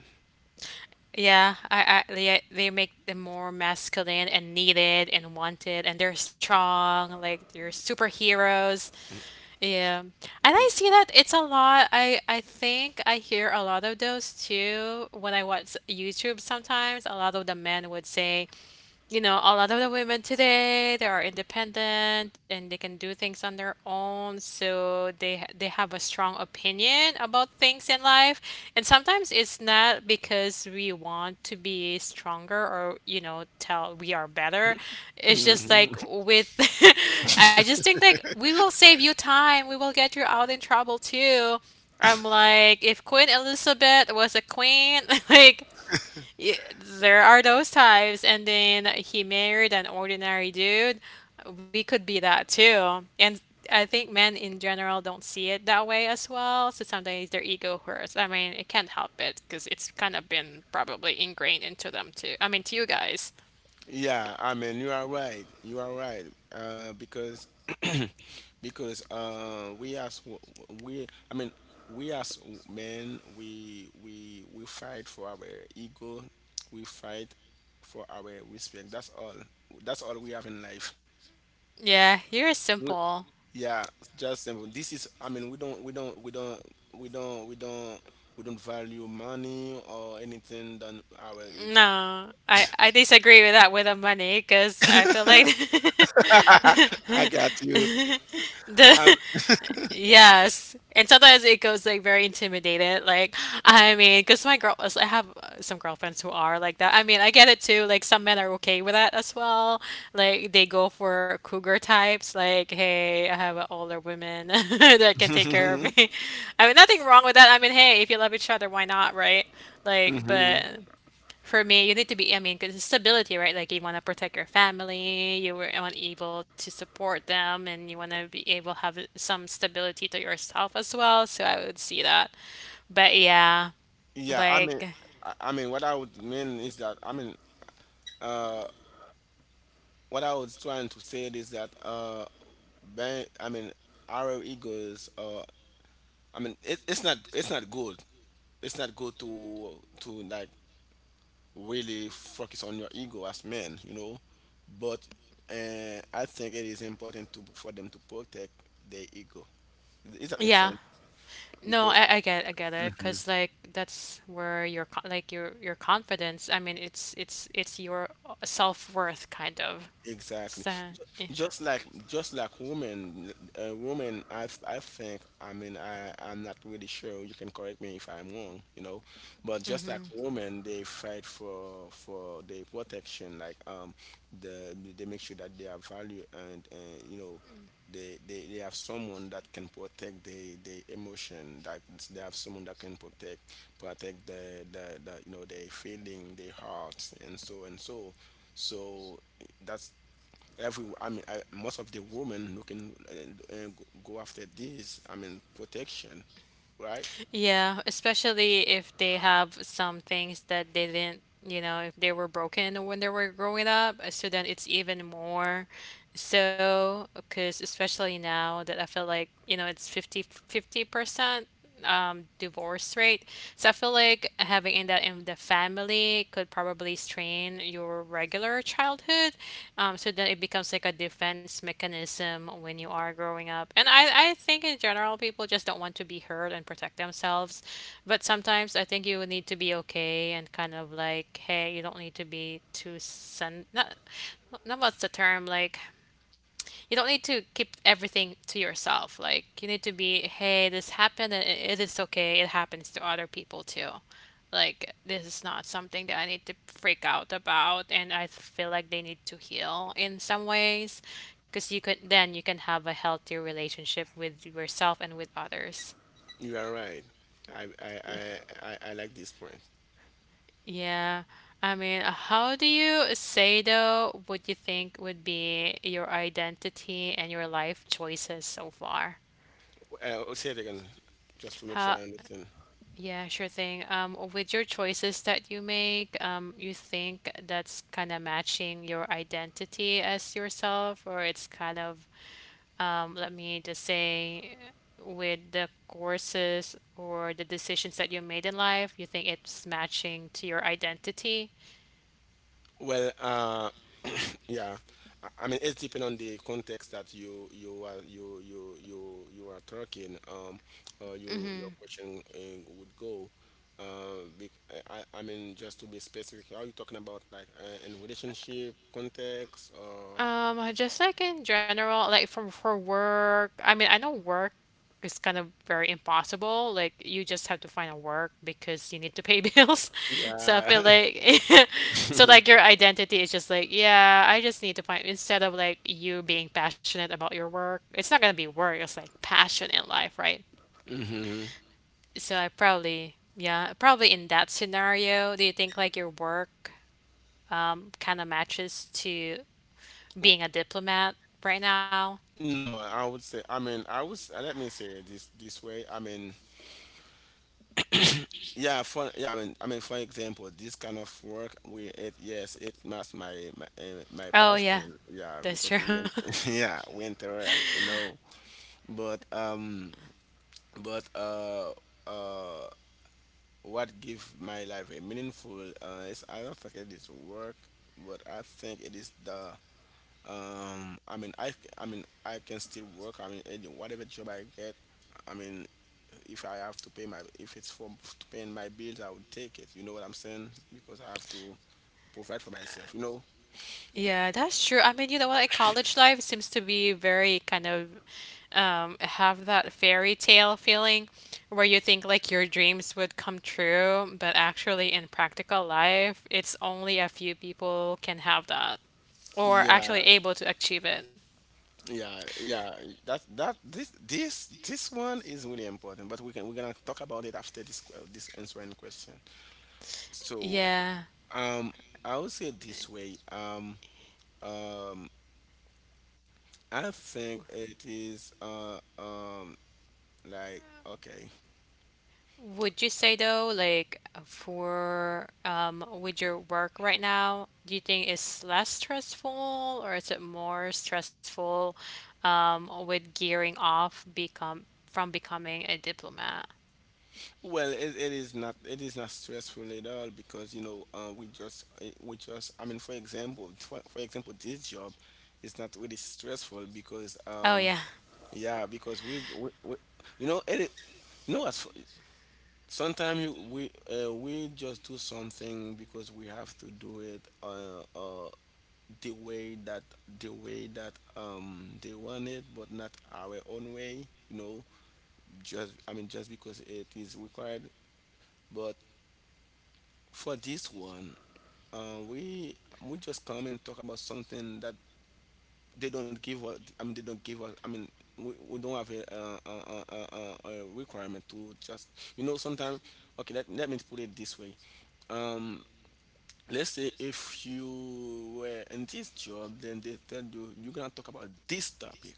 Speaker 1: Yeah, I they make them more masculine and needed and wanted, and they're strong, like they're superheroes. Yeah, and I see that it's a lot. I think I hear a lot of those too when I watch YouTube sometimes. A lot of the men would say you know, a lot of the women today, they are independent and they can do things on their own, so they have a strong opinion about things in life. And sometimes it's not because we want to be stronger or, you know, tell we are better. It's just like with I just think like we will save you time. We will get you out in trouble too. I'm like, if Queen Elizabeth was a queen, like there are those types, and then he married an ordinary dude. We could be that too. And I think men in general don't see it that way as well. So sometimes their ego hurts. I mean, it can't help it because it's kind of been probably ingrained into them too. I mean, to you guys.
Speaker 2: Yeah, I mean, you are right. You are right. Because because we, I mean, we as men, we fight for our ego. We fight for our respect. That's all. That's all we have in life.
Speaker 1: Yeah, you're
Speaker 2: We-
Speaker 1: simple.
Speaker 2: yeah, just simple. This is, I mean, we don't we don't we don't we don't we don't we don't value money or anything than our ego.
Speaker 1: No, I disagree with that with the money because I feel like
Speaker 2: I got you.
Speaker 1: the
Speaker 2: Um,
Speaker 1: yes. And sometimes it goes like very intimidated. Like, I mean, because my girl, I have some girlfriends who are like that. I mean, I get it too. Like, some men are okay with that as well. Like, they go for cougar types. Like, hey, I have an older woman that can take care of me. I mean, nothing wrong with that. I mean, hey, if you love each other, why not, right? Like,
Speaker 2: hmm.
Speaker 1: but for me, you need to be, I mean, because stability, right? Like you want to protect your family, want able to support them, and you want to be able to have some stability to yourself as well. So I would see that. But yeah,
Speaker 2: Yeah, I
Speaker 1: like,
Speaker 2: mean, I mean, what I would mean is that, I mean, uh, what I was trying to say is that, ben, I mean, our egos, I mean, it's not good. It's not good to like really focus on your ego as men, you know. But I think it is important to, for them to protect their ego. Does that make
Speaker 1: yeah.
Speaker 2: sense?
Speaker 1: No,
Speaker 2: Because
Speaker 1: I get I get it
Speaker 2: hmm.
Speaker 1: because like that's where like your confidence. I mean, it's it's your self worth kind of.
Speaker 2: Exactly.
Speaker 1: So yeah.
Speaker 2: Just like women, women, I think, I mean, I'm not really sure, you can correct me if I'm wrong, you know, but just like women, they fight for their protection, like, they make sure that they have value, and you know, they have someone that can protect the emotion, that they have someone that can protect, the, you know, their feeling, their heart. And so, so that's, every, I mean, most of the women looking, and go after this, I mean, protection, right?
Speaker 1: Yeah, especially if they have some things that they didn't, you know, if they were broken when they were growing up, so then it's even more so, because especially now that I feel like, you know, it's 50 50% divorce rate. So I feel like having in that in the family could probably strain your regular childhood. So then it becomes like a defense mechanism when you are growing up. And I think in general, people just don't want to be hurt and protect themselves. But sometimes I think you need to be okay and kind of like, hey, you don't need to be too sen. Not, not what's the term? Like, you don't need to keep everything to yourself. Like you need to be, hey, this happened and it is okay. It happens to other people too. Like this is not something that I need to freak out about, and I feel like they need to heal in some ways, because you could then you can have a healthier relationship with yourself and with others.
Speaker 2: You are right. I like this point.
Speaker 1: Yeah. I mean, how do you say though what you think would be your identity and your life choices so far?
Speaker 2: Uh, I'll say it again just to make sure
Speaker 1: How
Speaker 2: I understand.
Speaker 1: Yeah, sure thing. With your choices that you make, you think that's kind of matching your identity as yourself, or it's kind of, let me just say, with the courses or the decisions that you made in life, you think it's matching to your identity?
Speaker 2: Well, uh, yeah. I mean, it's depending on the context that you are talking. You, your question would go. I mean, just to be specific, are you talking about like, in relationship context or?
Speaker 1: Just like in general, like from for work, I mean, I know work is kind of very impossible. Like you just have to find a work because you need to pay bills. So I
Speaker 2: Yeah.
Speaker 1: feel like so like your identity is just like, yeah, I just need to find instead of like you being passionate about your work, it's not gonna be work, it's like passion in life, right?
Speaker 2: Hmm.
Speaker 1: So I probably yeah, probably in that scenario, do you think like your work kind of matches to being a diplomat right now?
Speaker 2: No, I would say. I mean, I would. Let me say it this this way. I mean, yeah, for, yeah, I mean, I mean, for example, this kind of work, we it yes, it match my my
Speaker 1: Oh, yeah.
Speaker 2: passion, yeah,
Speaker 1: That's
Speaker 2: because
Speaker 1: true.
Speaker 2: yeah, we interact, you know. But um, but uh, what give my life a meaningful, is, I don't think it is work, but I think it is the, um, I mean, I mean, I can still work, I mean, any whatever job I get, I mean, if I have to pay my, if it's for to paying my bills, I would take it, you know what I'm saying, because I have to provide for myself, you know.
Speaker 1: Yeah, that's true. I mean, you know what? Like college life seems to be very kind of have that fairy tale feeling where you think like your dreams would come true, but actually in practical life, it's only a few people can have that or actually
Speaker 2: yeah
Speaker 1: able to achieve it.
Speaker 2: yeah, that this one is really important, but we can, we're gonna talk about it after this this answering question. So,
Speaker 1: Yeah.
Speaker 2: um, I would say this way. Um, I think it is uh, like, okay.
Speaker 1: Would you say though, like for with your work right now, do you think it's less stressful or is it more stressful with gearing off become from becoming a diplomat?
Speaker 2: Well, it is not, it is not stressful at all, because, you know, we just, we just, I mean, for example, this job is not really stressful because
Speaker 1: Oh
Speaker 2: um,
Speaker 1: yeah.
Speaker 2: yeah, because we, you know, you know, as sometimes you, we, we just do something because we have to do it, the way that, the way that, um, they want it, but not our own way, you know, just, I mean, just because it is required. But for this one, uh, we we just come and talk about something that they don't give us. I mean, they don't give us. I mean, we don't have a requirement to just, you know. Sometimes, okay, let me put it this way. Um, let's say if you were in this job, then they tell you you're gonna talk about this topic,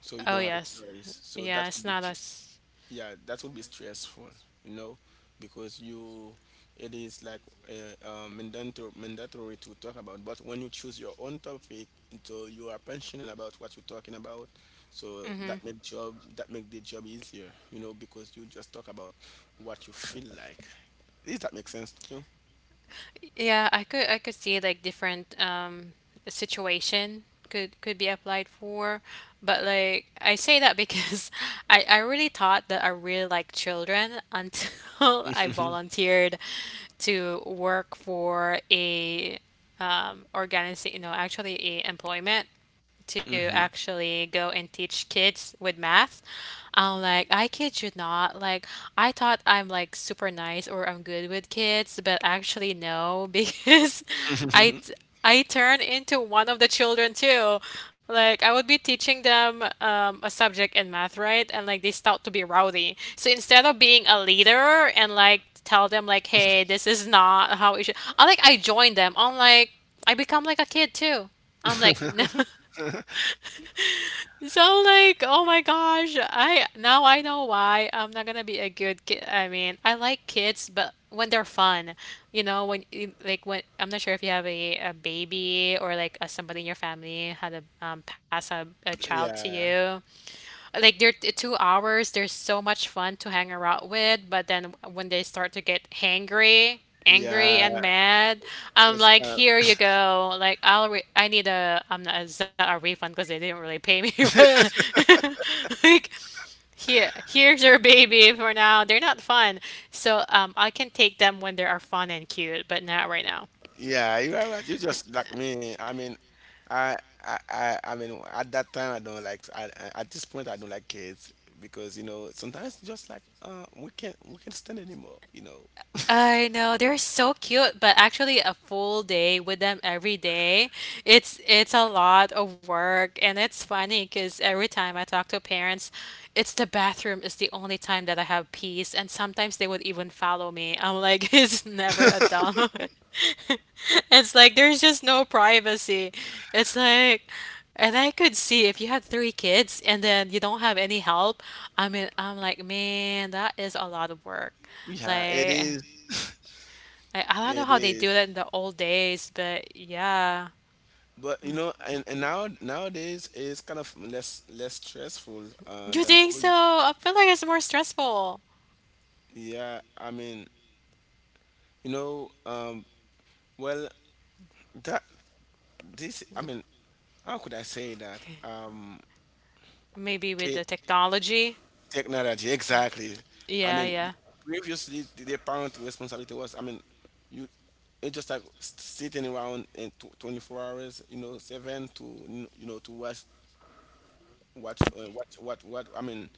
Speaker 2: so you
Speaker 1: Oh
Speaker 2: don't have
Speaker 1: yes.
Speaker 2: a choice. So
Speaker 1: Yeah,
Speaker 2: that
Speaker 1: it's
Speaker 2: would be,
Speaker 1: not as
Speaker 2: yeah, that would be stressful, you know, because you, it is like, mandatory, mandatory to talk about. But when you choose your own topic, so you are passionate about what you're talking about, so that make the job easier, you know, because you just talk about what you feel like. Does that make sense to
Speaker 1: yeah, I could see like different situation could be applied for, but like I say that because I really thought that I really like children until I
Speaker 2: you?
Speaker 1: volunteered to work for a organization, you know, actually employment to
Speaker 2: Hmm.
Speaker 1: actually go and teach kids with math. I'm like, I kid you not. Like, I thought I'm like super nice or I'm good with kids, but actually no, because I I turn into one of the children too. Like I would be teaching them a subject in math, right? And like they start to be rowdy. So instead of being a leader and like tell them like, hey, this is not how it should. I like I join them. I'm like I become like a kid too. I'm like so like, oh my gosh, I now I know why I'm not gonna be a good kid. I mean, I like kids, but when they're fun, you know, like when I'm not sure if you have a baby or like a, somebody in your family had a pass a child to
Speaker 2: Yeah.
Speaker 1: you like they're 2 hours they're so much fun to hang around with, but then when they start to get hangry, angry
Speaker 2: Yeah,
Speaker 1: and mad, I'm
Speaker 2: it's
Speaker 1: like
Speaker 2: kind.
Speaker 1: here you go, like I need a I'm not it's not a refund because they didn't really pay me but like here, here's your baby for now, they're not fun. So I can take them when they are fun and cute but not right now.
Speaker 2: Yeah, you are right. You just like me. I mean, I, I mean, at that time, I don't like. I- at this point, I don't like kids, because, you know, sometimes it's just like, we can't, we can't stand anymore. You know.
Speaker 1: I know they're so cute, but actually a full day with them every day, it's a lot of work, and it's funny because every time I talk to parents, it's the bathroom is the only time that I have peace, and sometimes they would even follow me. I'm like, it's never a done. It's like there's just no privacy. It's like, and I could see if you had three kids and then you don't have any help. I mean, I'm like, man, that is a lot of work.
Speaker 2: Yeah, it
Speaker 1: Like.
Speaker 2: is.
Speaker 1: I don't know
Speaker 2: It
Speaker 1: how they do
Speaker 2: is.
Speaker 1: that in the old days, but yeah.
Speaker 2: But you know, and now nowadays it's kind of less stressful
Speaker 1: You
Speaker 2: than
Speaker 1: think
Speaker 2: old.
Speaker 1: so? I feel like it's more stressful.
Speaker 2: Yeah, I mean, you know, well, that, this. I mean, how could I say that?
Speaker 1: Maybe with the technology.
Speaker 2: Technology, exactly. I
Speaker 1: Yeah,
Speaker 2: mean,
Speaker 1: yeah.
Speaker 2: previously the parent responsibility was, I mean, you, it's just like sitting around in tw 24 hours, you know, seven to you know, to watch, watch what, I mean,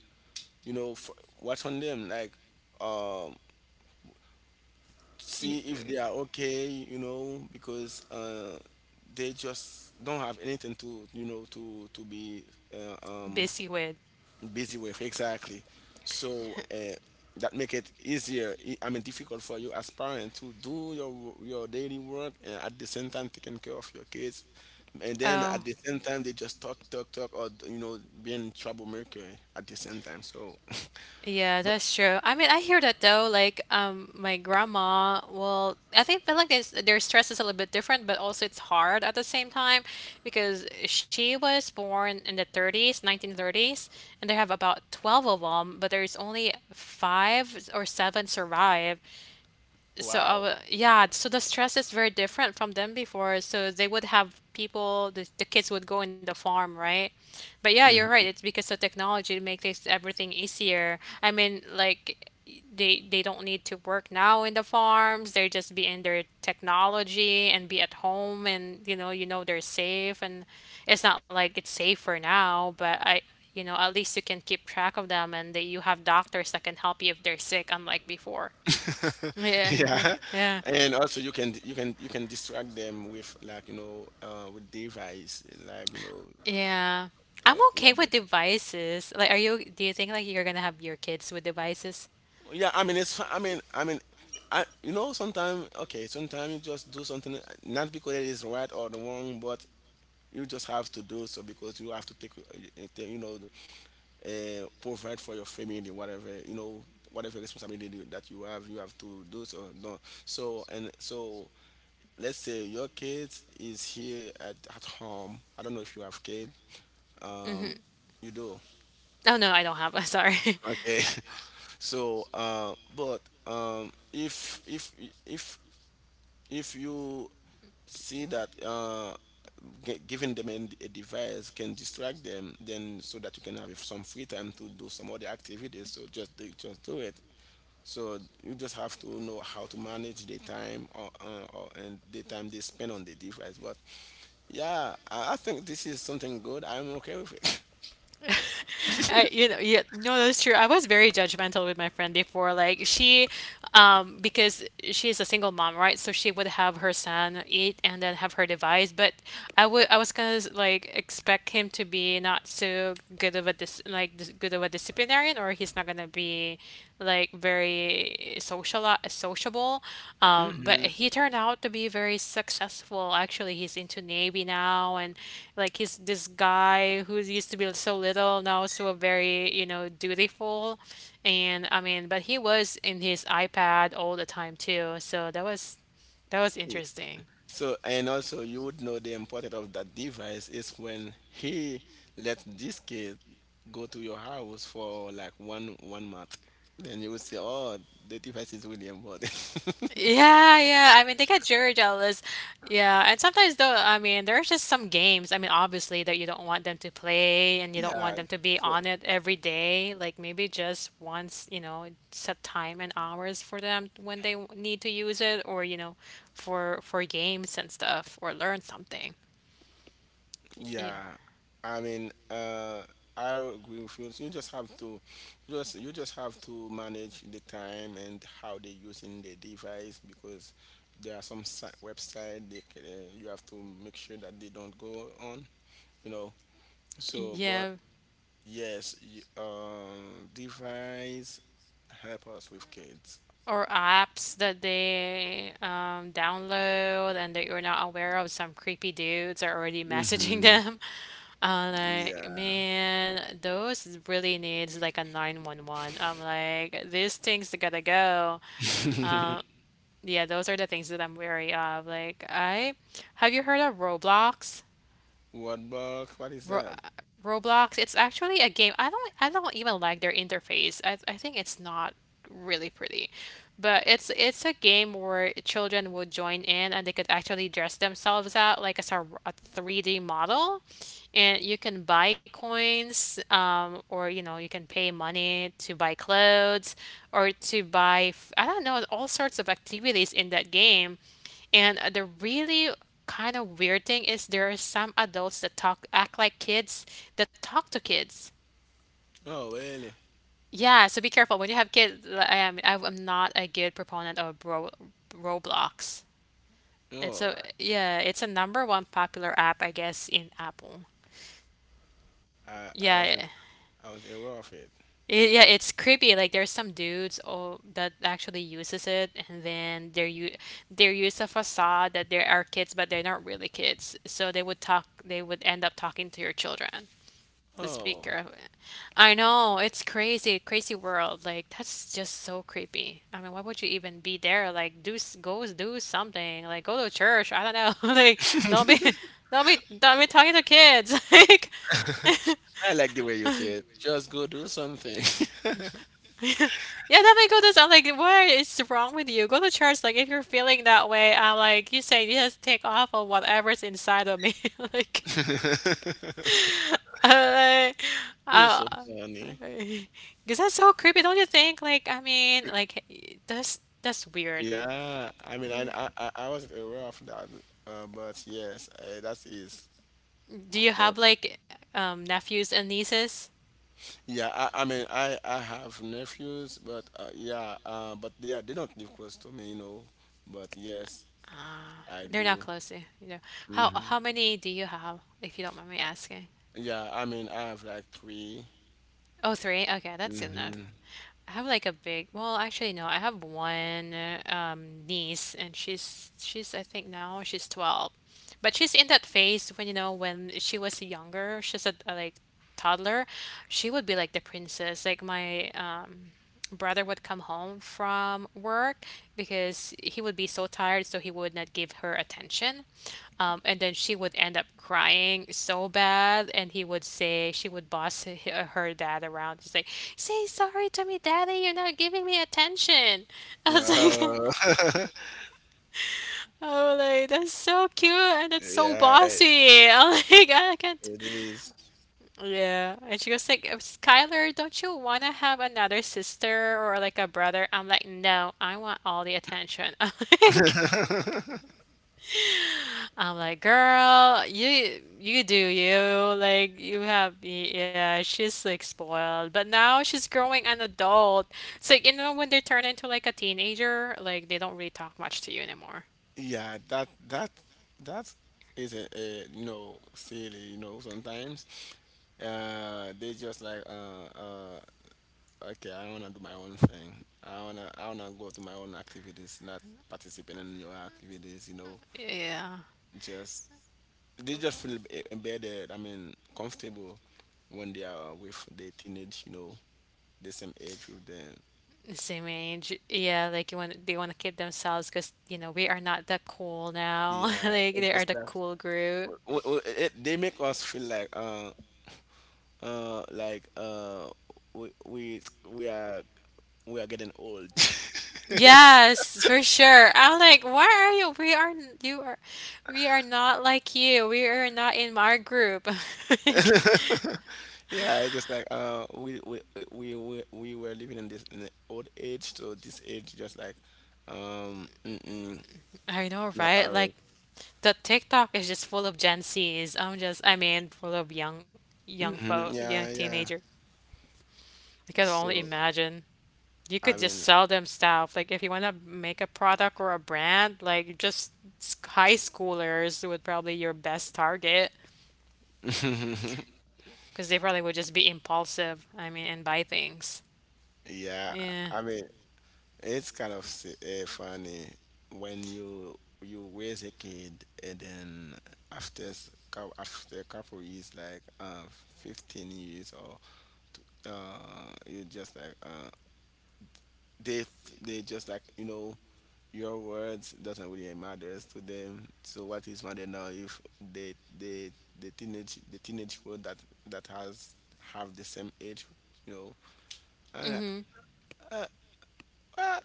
Speaker 2: you know, f watch on them, like, um, see
Speaker 1: Y-
Speaker 2: if they are okay, you know, because, uh, they just don't have anything to, you know, to be, uh, um
Speaker 1: Busy with.
Speaker 2: busy with, exactly. So that make it easier, I mean, difficult for you as parent to do your daily work, and at the same time taking care of your kids, and then at
Speaker 1: Oh,
Speaker 2: the same time they just talk, talk, or, you know, being troublemaker at the same time, so
Speaker 1: yeah,
Speaker 2: but
Speaker 1: that's true. I mean, I hear that though. Like, my grandma will. I think feel like it's, their stress is a little bit different, but also it's hard at the same time because she was born in the 30s, 1930s, and they have about 12 of them, but there's only 5 or 7 survive. So, I
Speaker 2: wow.
Speaker 1: w yeah, so the stress is very different from them before. So they would have people, the kids would go in the farm, right? But yeah, you're right.
Speaker 2: Mhm.
Speaker 1: It's because of technology to make this everything easier. I mean, like they don't need to work now in the farms. They just be in their technology and be at home, and you know they're safe. And it's not like it's safer now, but I, you know, at least you can keep track of them, and that you have doctors that can help you if they're sick, unlike before. Yeah,
Speaker 2: Yeah,
Speaker 1: yeah,
Speaker 2: and also you can you can distract them with, like, you know, with device, like, you know.
Speaker 1: yeah.
Speaker 2: Uh,
Speaker 1: I'm
Speaker 2: what?
Speaker 1: okay with devices. Like, are you? Do you think like you're gonna have your kids with devices?
Speaker 2: Yeah, I mean, it's. I mean, I, you know, sometimes, okay, sometimes you just do something, not because it is right or the wrong, but you just have to do so because you have to take, take, you know, provide for your family, whatever, you know, whatever responsibility that you have to do so. No, so and so, let's say your kid is here at home. I don't know if you have kid. Um, you do.
Speaker 1: No, no, I don't have. I'm sorry.
Speaker 2: Okay. So, but um, if if if if you see that, giving them a device can distract them, then so that you can have some free time to do some other activities, so just do it. So you just have to know how to manage the time, or and the time they spend on the device. But yeah, I think this is something good. I'm okay with it.
Speaker 1: I, you know, yeah, no, that's true. I was very judgmental with my friend before. Like she, because she is a single mom, right? So she would have her son eat and then have her device. But I would, I was gonna like expect him to be not so good of a dis like dis good of a disciplinarian, or he's not gonna be like very social sociable. But he turned out to be very successful. Actually, he's into Navy now, and like he's this guy who used to be so little now so very dutiful, and but he was in his iPad all the time too. So that was
Speaker 2: Hmm.
Speaker 1: interesting.
Speaker 2: So, and also you would know the importance of that device is when he, let this kid go to your house for like one one month. Then you would say, oh, the device is really important.
Speaker 1: Yeah, yeah. I mean, they got Jerry jealous. Yeah, and sometimes though, I mean, there's just some games. I mean, obviously that you don't want them to play and you don't want
Speaker 2: Yeah.
Speaker 1: them to be
Speaker 2: So
Speaker 1: on it every day. Like maybe just once, set time and hours for them when need to use it, or for games and stuff, or learn something. Yeah,
Speaker 2: yeah, I mean, I agree with you. You just have to, you just have to manage the time and how they using the device, because there are some website they, you have to make sure that they don't go on. You know. So, but
Speaker 1: yeah.
Speaker 2: yes, y device help us with kids.
Speaker 1: Or apps that they download and that you're not aware of. Some creepy dudes are already messaging
Speaker 2: Hmm.
Speaker 1: them. I'm like,
Speaker 2: Yeah.
Speaker 1: man, those really needs like a 911. I'm like, these things gotta go. Yeah, those are the things that I'm wary of. Like, I have you heard of Roblox?
Speaker 2: What box? What is
Speaker 1: Ro
Speaker 2: that?
Speaker 1: Roblox, it's actually a game. I don't even like their interface. I think it's not really pretty. But it's a game where children would join in and they could actually dress themselves out like as a 3D model. And you can buy coins or you can pay money to buy clothes or to I don't know, all sorts of activities in that game. And the really kind of weird thing is there are some adults that talk act like kids that talk to kids.
Speaker 2: Oh, really?
Speaker 1: Yeah, so be careful when you have kids. I am I'm not a good proponent of Roblox. It's
Speaker 2: Oh,
Speaker 1: a yeah, it's a number one popular app, I guess, in Apple.
Speaker 2: I
Speaker 1: Yeah,
Speaker 2: wasn't, I was aware of it.
Speaker 1: it, yeah, it's creepy. Like there's some dudes oh, that actually uses it, and then they're used a facade that they are kids, but they're not really kids. So they would end up talking to your children. The
Speaker 2: Oh,
Speaker 1: speaker. I know it's crazy, crazy world. Like that's just so creepy. I mean, why would you even be there? Like go do something. Like go to church. I don't know. like don't be. Don't be talking to kids. Like,
Speaker 2: I like the way you say it. Just go do something.
Speaker 1: yeah, then they go to. I'm like, what is wrong with you? Go to church. Like, if you're feeling that way, I'm like, you say, just take off on whatever's inside of me. like, I,
Speaker 2: You're so funny.
Speaker 1: because that's so creepy, don't you think? Like, I mean, that's weird.
Speaker 2: Yeah, I mean, I wasn't aware of that, but yes, that is.
Speaker 1: Do you have like nephews and nieces?
Speaker 2: Yeah, I mean, I have nephews, but yeah, but they don't live close to me, you know. But yes, I
Speaker 1: They're not
Speaker 2: do.
Speaker 1: close to you, you know. How
Speaker 2: Hmm.
Speaker 1: how many do you have, if you don't mind me asking?
Speaker 2: Yeah, I mean, I have like 3.
Speaker 1: Oh, three? Okay, that's good enough.
Speaker 2: Mm-hmm.
Speaker 1: I have like a big, well, actually no, I have one niece and she's I think now she's 12. But she's in that phase when you know when she was younger, she's a like toddler, she would be like the princess. Like my brother would come home from work because he would be so tired, so he would not give her attention. And then she would end up crying so bad, and he would say, she would boss her dad around, just like, say sorry to me, daddy, you're not giving me attention. I was like,
Speaker 2: Uh,
Speaker 1: oh, like, that's so cute and that's so
Speaker 2: yeah,
Speaker 1: bossy. I'm like, I can't.
Speaker 2: it is.
Speaker 1: Yeah, and she was like, Skylar, don't you want to have another sister or like a brother? I'm like, no, I want all the attention. Like, I'm like, girl, you do you like you have y- yeah. She's like spoiled, but now she's growing an adult. It's like you know when they turn into like a teenager, like they don't really talk much to you anymore.
Speaker 2: Yeah, that that is a, you know silly you know sometimes they just like uh okay, I wanna do my own thing. I wanna go to my own activities, not participating in your activities. You know,
Speaker 1: Yeah.
Speaker 2: just they just feel embedded. I mean, comfortable when they are with the teenage. You know, the same age with them.
Speaker 1: The same age. Yeah, like you want they want to keep themselves because, you know, we are not that cool now.
Speaker 2: Yeah,
Speaker 1: Like
Speaker 2: it
Speaker 1: they are
Speaker 2: just
Speaker 1: the
Speaker 2: like
Speaker 1: cool group.
Speaker 2: it, they make us feel like we we are we are getting old.
Speaker 1: Yes, for sure. I'm like, why are you? We are not like you. We are not in my group. Like,
Speaker 2: Yeah, I just like we were living in this in the old age, so this age just like um, mm-mm,
Speaker 1: I know,
Speaker 2: not
Speaker 1: right?
Speaker 2: ours.
Speaker 1: Like the TikTok is just full of Gen Zs. I'm just, I mean, full of young folk,
Speaker 2: Hmm.
Speaker 1: young
Speaker 2: Yeah,
Speaker 1: teenager.
Speaker 2: yeah.
Speaker 1: I can only
Speaker 2: So
Speaker 1: imagine. You could
Speaker 2: I
Speaker 1: just
Speaker 2: mean,
Speaker 1: sell them stuff. Like if you want to make a product or a brand, like just high schoolers would probably your best target because they probably would just be impulsive. I mean, and buy things.
Speaker 2: yeah,
Speaker 1: Yeah.
Speaker 2: I mean it's kind of funny when you raise a kid and then after a couple years, like 15 years or you just like they just like, you know, your words doesn't really matter to them, so what is matter now if they the teenage world that that has have the same age, you know. And I, uh, what?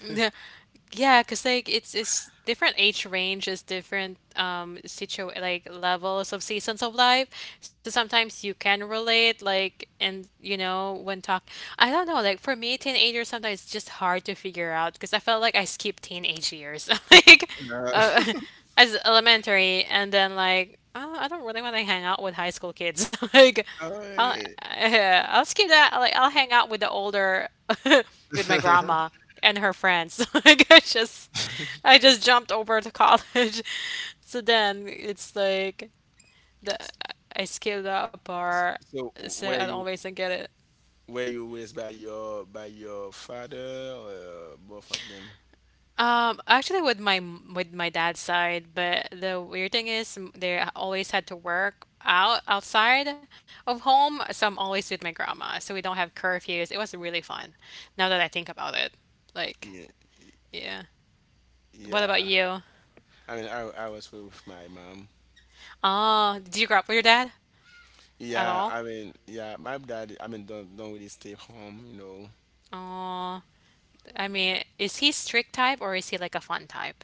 Speaker 1: Yeah, cause like it's different age range is different situ like levels of seasons of life. So sometimes you can relate like and you know when talk I don't know like for me teenagers sometimes it's just hard to figure out because I felt like I skipped teenage years like
Speaker 2: Uh,
Speaker 1: uh, as elementary and then like oh, I don't really want to hang out with high school kids like I'll
Speaker 2: alright.
Speaker 1: I'll skip that, like, I'll hang out with the older with my grandma and her friends. Like, I just jumped over to college. So then it's like the I skipped that part,
Speaker 2: So
Speaker 1: so I
Speaker 2: were
Speaker 1: don't
Speaker 2: you,
Speaker 1: always I get it.
Speaker 2: were you raised by your father or both of them?
Speaker 1: Actually, with my with my dad's side, but the weird thing is they always had to work out outside of home, so I'm always with my grandma, so we don't have curfews. It was really fun. Now that I think about it, like.
Speaker 2: yeah
Speaker 1: Yeah. What about
Speaker 2: yeah
Speaker 1: you?
Speaker 2: i mean i, I was with my mom.
Speaker 1: Oh, did you grow up with your dad at
Speaker 2: Yeah,
Speaker 1: all?
Speaker 2: I mean, yeah, my dad, I mean, don't really stay home, you know,
Speaker 1: Oh, I mean, is he strict type or is he like a fun type?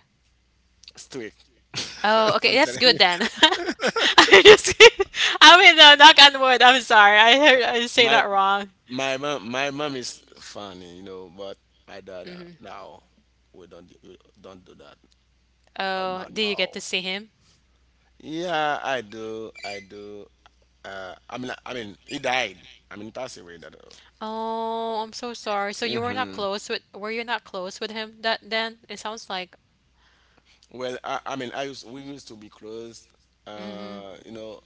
Speaker 2: strict.
Speaker 1: Oh, okay,
Speaker 2: I'm
Speaker 1: that's
Speaker 2: telling
Speaker 1: good
Speaker 2: you.
Speaker 1: then. I just, I mean, no, knock on wood. I'm sorry, I heard I say
Speaker 2: My
Speaker 1: that wrong.
Speaker 2: my mom is funny, you know, but my dad now we don't do that.
Speaker 1: Oh, did you get to
Speaker 2: No.
Speaker 1: see him?
Speaker 2: Yeah, I do, I do. I mean, he died. I mean, he passed away. That.
Speaker 1: Oh, I'm so sorry. So you were not
Speaker 2: Mm-hmm.
Speaker 1: close with, were you not close with him that then? It sounds like
Speaker 2: Well, I mean, I used we used to be close. You know,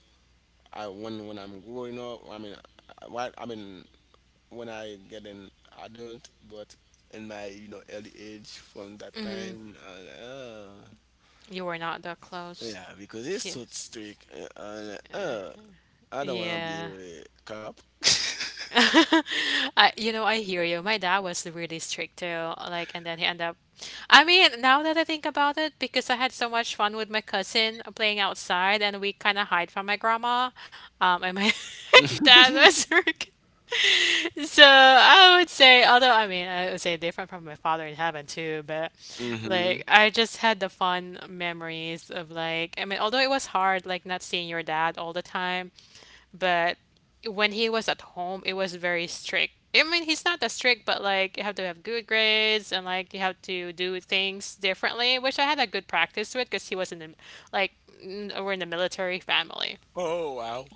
Speaker 2: I when I'm growing up, I mean, I mean, when I get an adult, but in my, you know, early age, from that time,
Speaker 1: you were not that close.
Speaker 2: yeah, because it's
Speaker 1: Yeah.
Speaker 2: so strict. Uh, uh, uh, I don't want to be
Speaker 1: Yeah.
Speaker 2: a cop.
Speaker 1: I, you know, I hear you. My dad was really strict too. Like, and then he ended up. I mean, now that I think about it, because I had so much fun with my cousin playing outside, and we kind of hide from my grandma. And my dad was so I would say, although I mean, I would say different from my father in heaven too, but
Speaker 2: Hmm.
Speaker 1: like I just had the fun memories of like, I mean, although it was hard, like not seeing your dad all the time, but when he was at home, it was very strict. I mean, he's not that strict, but like you have to have good grades and like you have to do things differently, which I had a good practice with because he wasn't in, like, we're in the military family.
Speaker 2: Oh wow,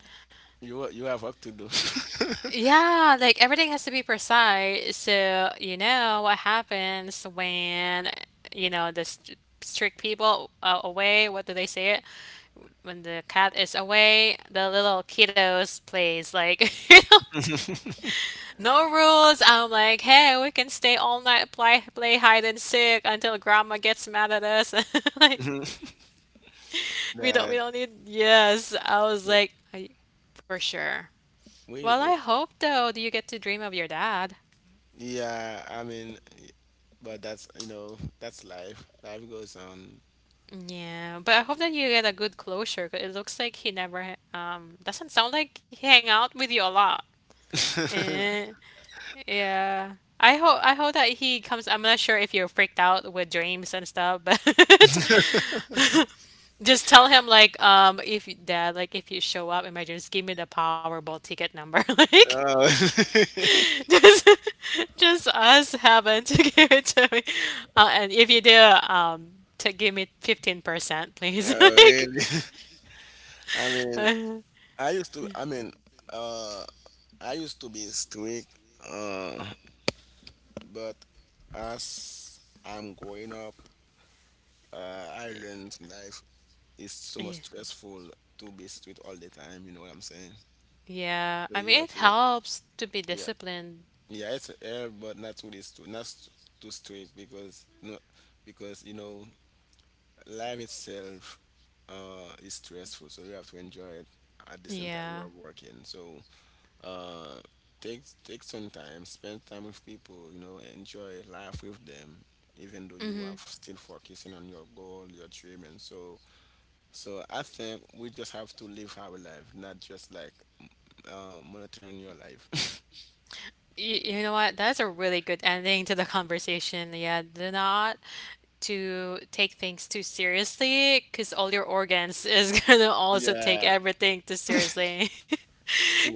Speaker 2: you have work to do.
Speaker 1: Yeah, like everything has to be precise. So, you know what happens when, you know, the st strict people are away. What do they say it? When the cat is away, the little kiddos plays like, you know, no rules. I'm like, hey, we can stay all night, play hide and seek until grandma gets mad at us. Like,
Speaker 2: Mhm. That
Speaker 1: we don't need. Yes, I was like, I, for sure. Well, I
Speaker 2: we
Speaker 1: hope though, do you get to dream of your dad?
Speaker 2: yeah, I mean, but that's, you know, that's life. Life goes on.
Speaker 1: Yeah, but I hope that you get a good closure. 'Cause it looks like he never, doesn't sound like he hang out with you a lot. Eh, yeah. I hope that he comes. I'm not sure if you're freaked out with dreams and stuff, but just tell him like, if dad, like, if you show up in my dreams, give me the Powerball ticket number, like.
Speaker 2: oh,
Speaker 1: Just, just us having to give it to me, and if you do, um, to give me 15%, please.
Speaker 2: oh
Speaker 1: Like,
Speaker 2: really? I mean, I mean, uh, I used to be strict, uh, but as I'm growing up, I learned life is so much
Speaker 1: yeah.
Speaker 2: stressful to be strict all the time. You know what I'm saying?
Speaker 1: Yeah,
Speaker 2: So
Speaker 1: I
Speaker 2: you
Speaker 1: mean,
Speaker 2: have
Speaker 1: it
Speaker 2: to,
Speaker 1: helps to be
Speaker 2: yeah,
Speaker 1: disciplined.
Speaker 2: yeah, it's air, but not too this, too, not s- too strict because no, because you know, life itself, is stressful. So you have to enjoy it at the same time you
Speaker 1: Yeah.
Speaker 2: are working. So Uh, take take some time, spend time with people. You know, enjoy life with them, even though you are still focusing on your goal, your dream, and so. I think we just have to live our life, not just like monitoring your life.
Speaker 1: You know what? That's a really good ending to the conversation. Yeah, do not to take things too seriously because all your organs is gonna also take
Speaker 2: Yeah,
Speaker 1: everything too seriously.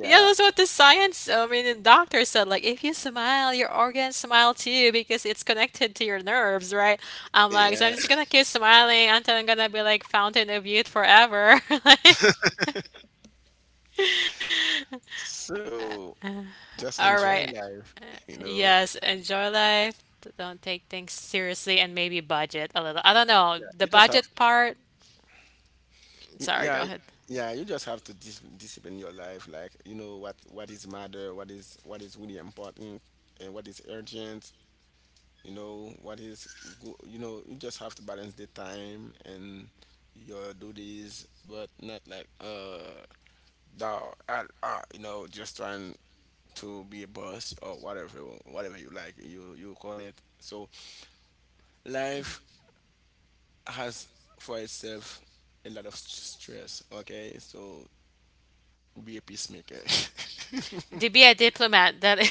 Speaker 1: Yeah, that's what the science, I mean, the doctor said, like, if you smile, your organs smile too because it's connected to your nerves, right? I'm like, so I'm
Speaker 2: yeah.
Speaker 1: just gonna keep smiling until I'm gonna be like fountain of youth forever. Like,
Speaker 2: So just
Speaker 1: all
Speaker 2: enjoy
Speaker 1: right.
Speaker 2: life, you know.
Speaker 1: Yes, enjoy life. Don't take things seriously and maybe budget a little. I don't know.
Speaker 2: Yeah, you
Speaker 1: The
Speaker 2: just have.
Speaker 1: budget part, sorry,
Speaker 2: Yeah,
Speaker 1: go ahead.
Speaker 2: yeah, you just have to discipline your life, like, you know, what is matter, what is, what is really important and what is urgent, you know, you know, you just have to balance the time and your duties, but not like no at all, you know, just trying to be a boss or whatever, whatever you like, you call it. So life has for itself a lot of stress, okay? So be a peacemaker.
Speaker 1: To be a diplomat, that is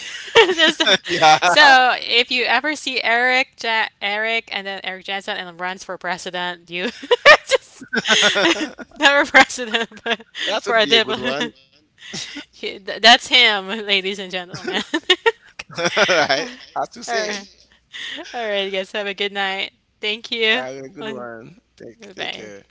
Speaker 1: so
Speaker 2: Yeah,
Speaker 1: so if you ever see Eric and then Eric Johnson and runs for president, you just
Speaker 2: that
Speaker 1: never president, but
Speaker 2: would
Speaker 1: for
Speaker 2: be
Speaker 1: a
Speaker 2: a good
Speaker 1: diplomat.
Speaker 2: one.
Speaker 1: That's him, ladies and gentlemen.
Speaker 2: Right? As you
Speaker 1: All
Speaker 2: said,
Speaker 1: right. All right, guys, have a good night. Thank you.
Speaker 2: I'm a good one. Take care.
Speaker 1: Bye.